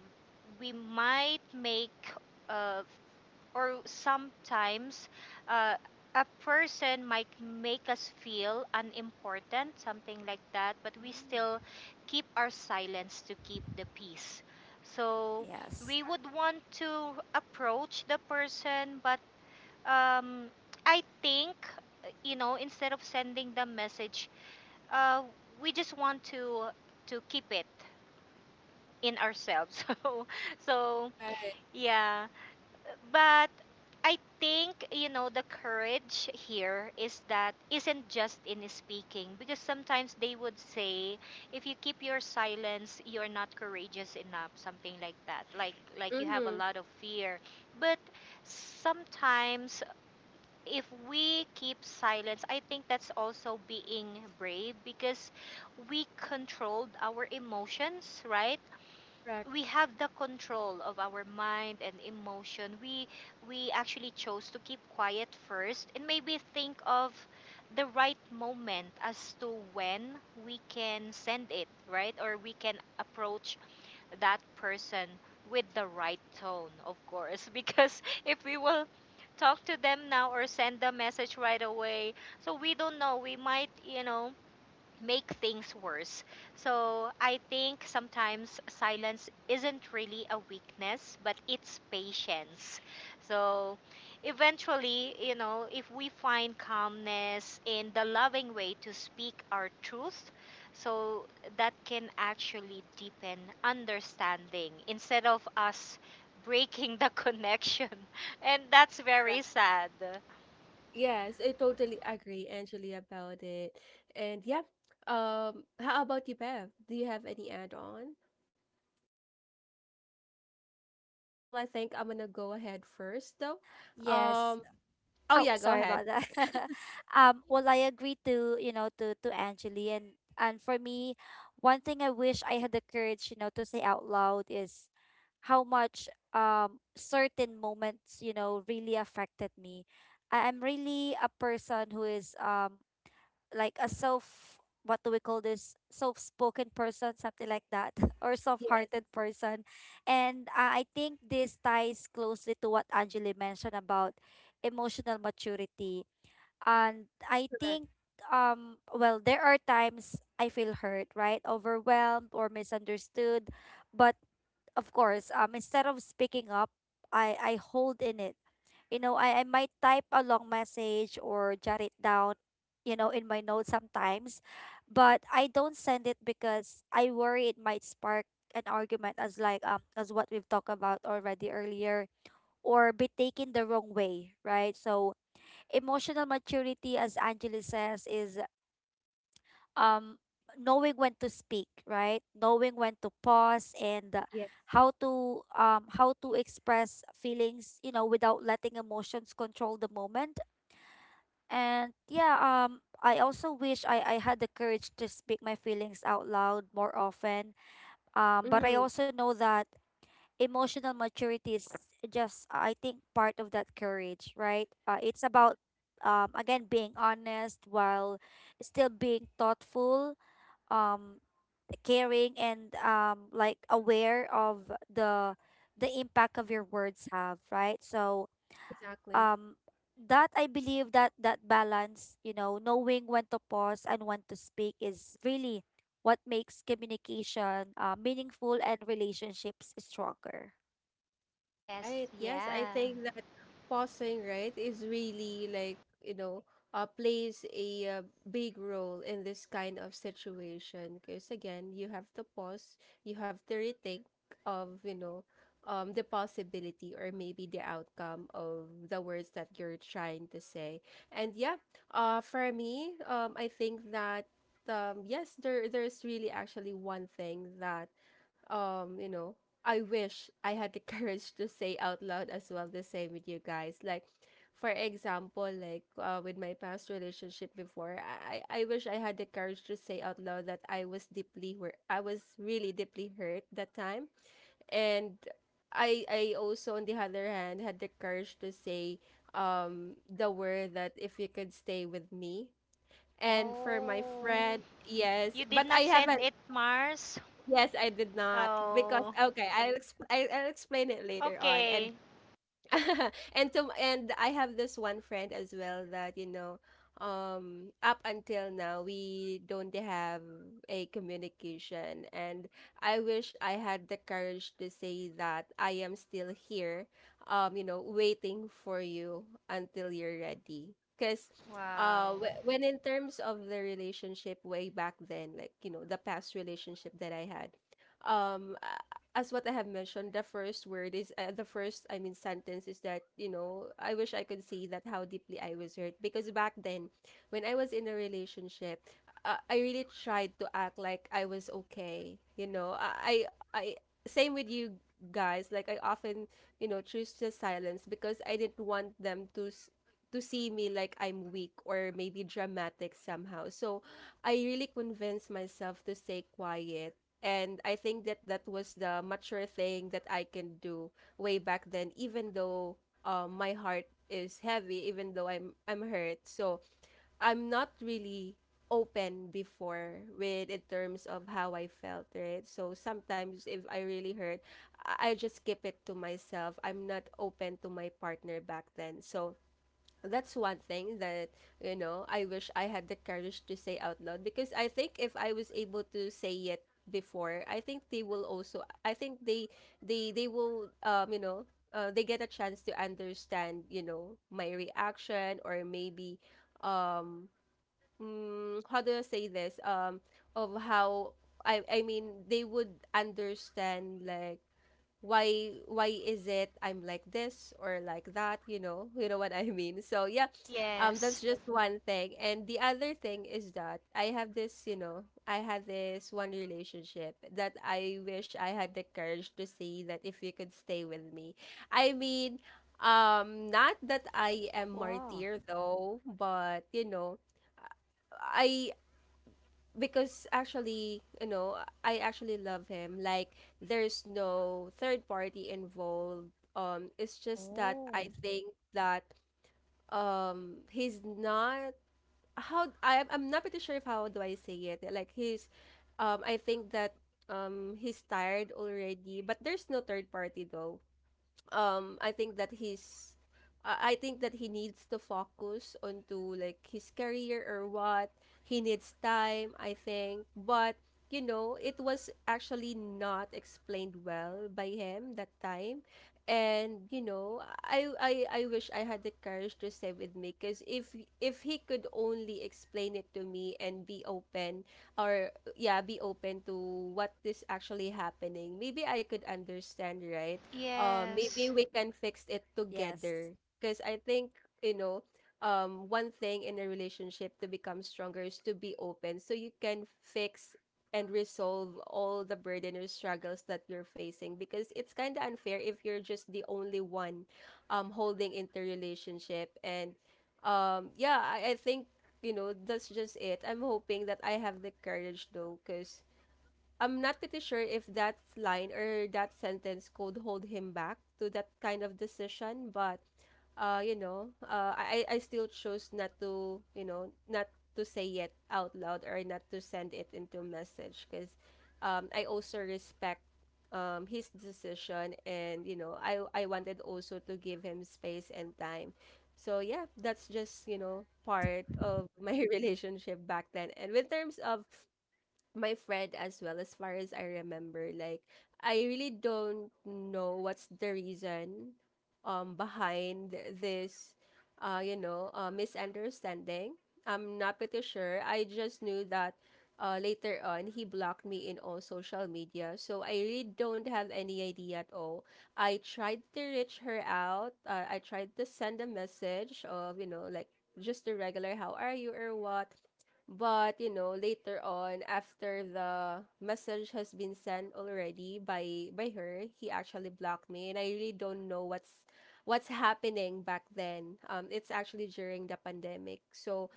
Speaker 2: we might make uh, or sometimes uh, a person might make us feel unimportant, something like that, but we
Speaker 3: Mm.
Speaker 2: still keep our silence to keep the peace. So
Speaker 3: Yes.
Speaker 2: we would want to approach the person, but um, I think, you know, instead of sending the message, uh, we just want to keep it in ourselves. [LAUGHS] So, so
Speaker 1: right,
Speaker 2: yeah, but I think, you know, the courage here is that isn't just in speaking, because sometimes they would say, if you keep your silence, you're not courageous enough, something like that, like you have a
Speaker 1: mm-hmm,
Speaker 2: lot of fear. But sometimes if we keep silence, I think that's also being brave, because we controlled our emotions, right?
Speaker 1: correct.
Speaker 2: We have the control of our mind and emotion. We we actually chose to keep quiet first and maybe think of the right moment as to when we can send it, right? Or we can approach that person with the right tone, of course. [LAUGHS] Because if we will talk to them now or send the message right away, so we don't know, we might, you know, make things worse. So I think sometimes silence isn't really a weakness, but it's patience. So eventually, you know, if we find calmness in the loving way to speak our truth, so that can actually deepen understanding instead of us breaking the [LAUGHS] connection. And that's very sad.
Speaker 1: Yes, I totally agree, Angeli, about it. And yeah, how about you, Bev? Do you have any add-on? Well, I think I'm gonna go ahead first, though.
Speaker 3: Yes.
Speaker 1: Um, oh
Speaker 3: Oh,
Speaker 1: yeah, go
Speaker 3: sorry
Speaker 1: ahead.
Speaker 3: about that.
Speaker 1: [LAUGHS]
Speaker 3: [LAUGHS] Um, well, I agree to, you know, to Angeli. And for me, one thing I wish I had the courage, you know, to say out loud is how much certain moments, you know, really affected me. I- I'm really a person who is like a self, what do we call this, soft spoken person, something like that, [LAUGHS] or soft
Speaker 1: Yes,
Speaker 3: hearted person. And I think this ties closely to what Angeli mentioned about emotional maturity. And I
Speaker 1: correct,
Speaker 3: think, well, there are times I feel hurt, right, overwhelmed or misunderstood, but of course, instead of speaking up, I hold in it. You know, I might type a long message or jot it down, you know, in my notes sometimes, but I don't send it because I worry it might spark an argument, as like as what we've talked about already earlier, or be taken the wrong way, right? So emotional maturity, as Angela says, is um knowing when to speak, right? Knowing when to pause and
Speaker 1: yes,
Speaker 3: how to express feelings, you know, without letting emotions control the moment. And yeah, I also wish I had the courage to speak my feelings out loud more often. But I
Speaker 1: mm-hmm,
Speaker 3: also know that emotional maturity is just, I think, part of that courage, right? It's about, again, being honest while still being thoughtful, um, caring, and like aware of the impact of your words have, right? So
Speaker 1: exactly,
Speaker 3: um that I believe that that balance, you know, knowing when to pause and when to speak is really what makes communication, meaningful, and relationships stronger.
Speaker 2: Yes,
Speaker 1: right. Yes, I
Speaker 2: yeah.
Speaker 1: think that pausing, right, is really like, you know, plays a big role in this kind of situation. Because again, you have to pause, you have to rethink of, you know, the possibility or maybe the outcome of the words that you're trying to say. And yeah, for me, I think that, yes, there's really actually one thing that, you know, I wish I had the [LAUGHS] courage to say out loud as well, the same with you guys. Like, for example, like with my past relationship before, I wish I had the courage to say out loud that I was deeply hurt. I was really deeply hurt that time, and I also on the other hand had the courage to say the word that if you could stay with me. And for my
Speaker 2: Oh.
Speaker 1: friend, yes,
Speaker 2: You did
Speaker 1: but
Speaker 2: not
Speaker 1: I have
Speaker 2: send
Speaker 1: a
Speaker 2: it, Mars?
Speaker 1: Yes, I did not because
Speaker 2: Oh,
Speaker 1: okay, I'll explain it later on, and
Speaker 2: okay.
Speaker 1: [LAUGHS] And I have this one friend as well that up until now we don't have a communication. And I wish I had the courage to say that I am still here, waiting for you until you're ready. Because uh
Speaker 2: Wow.
Speaker 1: wh- when in terms of the relationship way back then, like, you know, the past relationship that I had um as what I have mentioned, the first word is the first, I mean, sentence is that, you know, I wish I could say that how deeply I was hurt. Because back then, when I was in a relationship, I really tried to act like I was okay. You know, I, I, same with you guys, like, I often, you know, choose just silence because I didn't want them to, to see me like I'm weak or maybe dramatic somehow. So I really convinced myself to stay quiet. And I think that that was the mature thing that I can do way back then, even though my heart is heavy, even though I'm hurt. So I'm not really open before with in terms of how I felt, right? So sometimes if I really hurt, I just keep it to myself. I'm not open to my partner back then. So that's one thing that, you know, I wish I had the courage to say out loud. Because I think if I was able to say it before, I think they will also, I think they will, they get a chance to understand, you know, my reaction. Or um how do I say this, of how I mean, they would understand like why is it I'm like this or like that, you know? [LAUGHS] You know what I mean? So yeah,
Speaker 2: Yes.
Speaker 1: that's just one thing. And the other thing is that I have this, you know, I had this one relationship that I wish I had the courage to say that if you could stay with me. I mean, not that I am
Speaker 3: Wow.
Speaker 1: martyr though, but you know, I, because actually, you know, I actually love him. Like, there's no third party involved. It's just that
Speaker 3: Oh.
Speaker 1: I think that he's not how I'm not pretty sure if how do I say it. Like, he's I think that he's tired already, but there's no third party though. I think that he's I think that he needs to focus onto like his career or what. He needs time, I think. But you know, it was actually not explained well by him that time. And you know, I wish I had the courage to stay with me. Because if he could only explain it to me and be open, or yeah, be open to what is actually happening, maybe I could understand, right? Maybe
Speaker 2: Yes.
Speaker 1: we can fix it
Speaker 3: Yes.
Speaker 1: together. Because I think, you know, one thing in a relationship to become stronger is to be open, so you can fix and resolve all the burden or struggles that you're facing. Because it's kind of unfair if you're just the only one holding into relationship. And yeah, I think, you know, that's just it. I'm hoping that I have the courage though. Because I'm not pretty sure if that line or that sentence could hold him back to that kind of decision. But you know, I still chose not to, you know, not to say it out loud or not to send it into a message. Because I also respect his decision. And you know, I wanted also to give him space and time. So yeah, that's just, you know, part of my [LAUGHS] relationship back then. And in terms of my friend as well, as far as I remember. Like, I really don't know what's the reason behind this misunderstanding. I'm not pretty sure. I just knew that later on he blocked me in all social media. So I really don't have any idea at all. I tried to reach her out. I tried to send a message of, you know, like, just a regular how are you or what. But, you know, later on, after the message has been sent already by her, he actually blocked me, and I really don't know what's happening back then. It's actually during the pandemic, so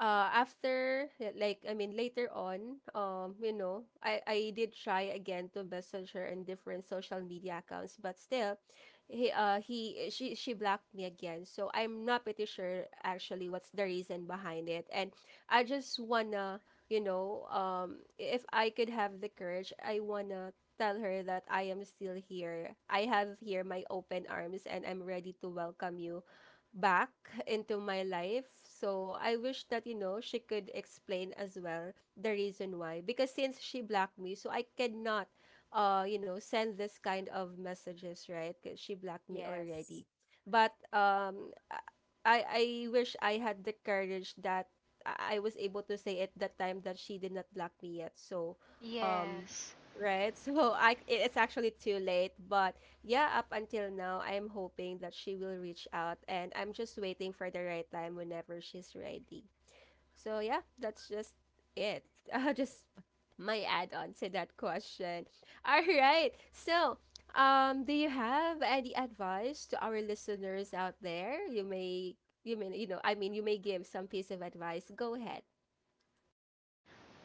Speaker 1: like I mean later on, you know, I did try again to message her in different social media accounts, but still he she blocked me again. So I'm not pretty sure actually what's the reason behind it. And I just wanna, you know, if I could have the courage, I wanna tell her that I am still here. I have here my open arms, and I'm ready to welcome you back into my life. So I wish that, you know, she could explain as well the reason why. Because since she blocked me, so I cannot, you know, send this kind of messages, right? Because she blocked me
Speaker 3: Yes.
Speaker 1: already. But I wish I had the courage that I was able to say at that time that she did not block me yet. So, um,
Speaker 2: Yes.
Speaker 1: Right. [LAUGHS] So I it's actually too late. But yeah, up until now, I'm hoping that she will reach out, and I'm just waiting for the right time whenever she's ready. So yeah, that's just it. [LAUGHS] Just my add-on to that question. [LAUGHS] All right. So, do you have any advice to our listeners out there? You may you know, I mean, you may give some piece of advice. Go ahead.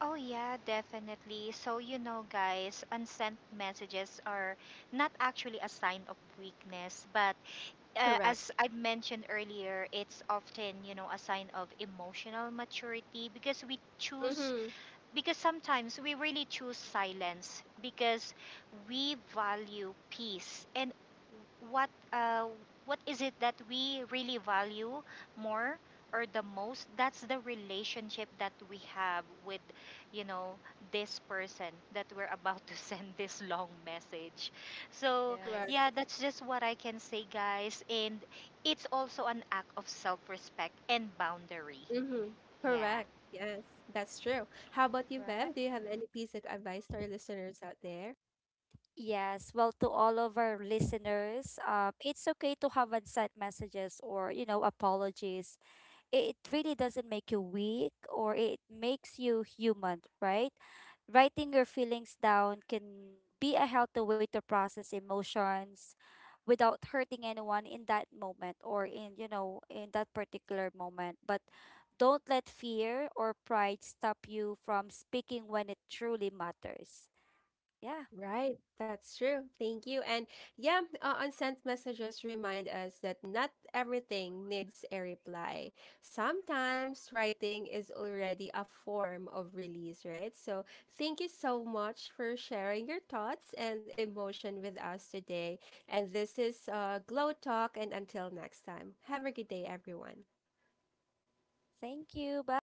Speaker 2: Oh, yeah, definitely. So, you know, guys, unsent messages are not actually a sign of weakness, but
Speaker 1: Correct.
Speaker 2: as I mentioned earlier, it's often, you know, a sign of emotional maturity, because we choose,
Speaker 1: Mm-hmm.
Speaker 2: because sometimes we really choose silence, because we value peace and what, what is it that we really value more, or the most, that's the relationship that we have with, you know, this person that we're about to [LAUGHS] send this long message. So
Speaker 3: Yes.
Speaker 2: yeah, that's just what I can say, guys. And it's also an act of self-respect and boundary.
Speaker 1: Mm-hmm.
Speaker 2: Yeah.
Speaker 1: Correct. Yes, that's true. How about you,
Speaker 3: Right.
Speaker 1: Bev? Do you have any piece of advice to our listeners out there?
Speaker 3: Yes, well, to all of our listeners, it's okay to have unsaid messages or, you know, apologies. It really doesn't make you weak, or it makes you human, right? Writing your feelings down can be a healthy way to process emotions without hurting anyone in that moment, or, in you know, in that particular moment. But don't let fear or pride stop you from speaking when it truly matters. Yeah,
Speaker 1: Right, that's true. Thank you. And yeah, unsent messages remind us that not everything needs a reply. Sometimes writing is already a form of release, right? So thank you so much for sharing your thoughts and emotion with us today. And this is Glow Talk, and until next time, have a good day, everyone.
Speaker 3: thank you, bye.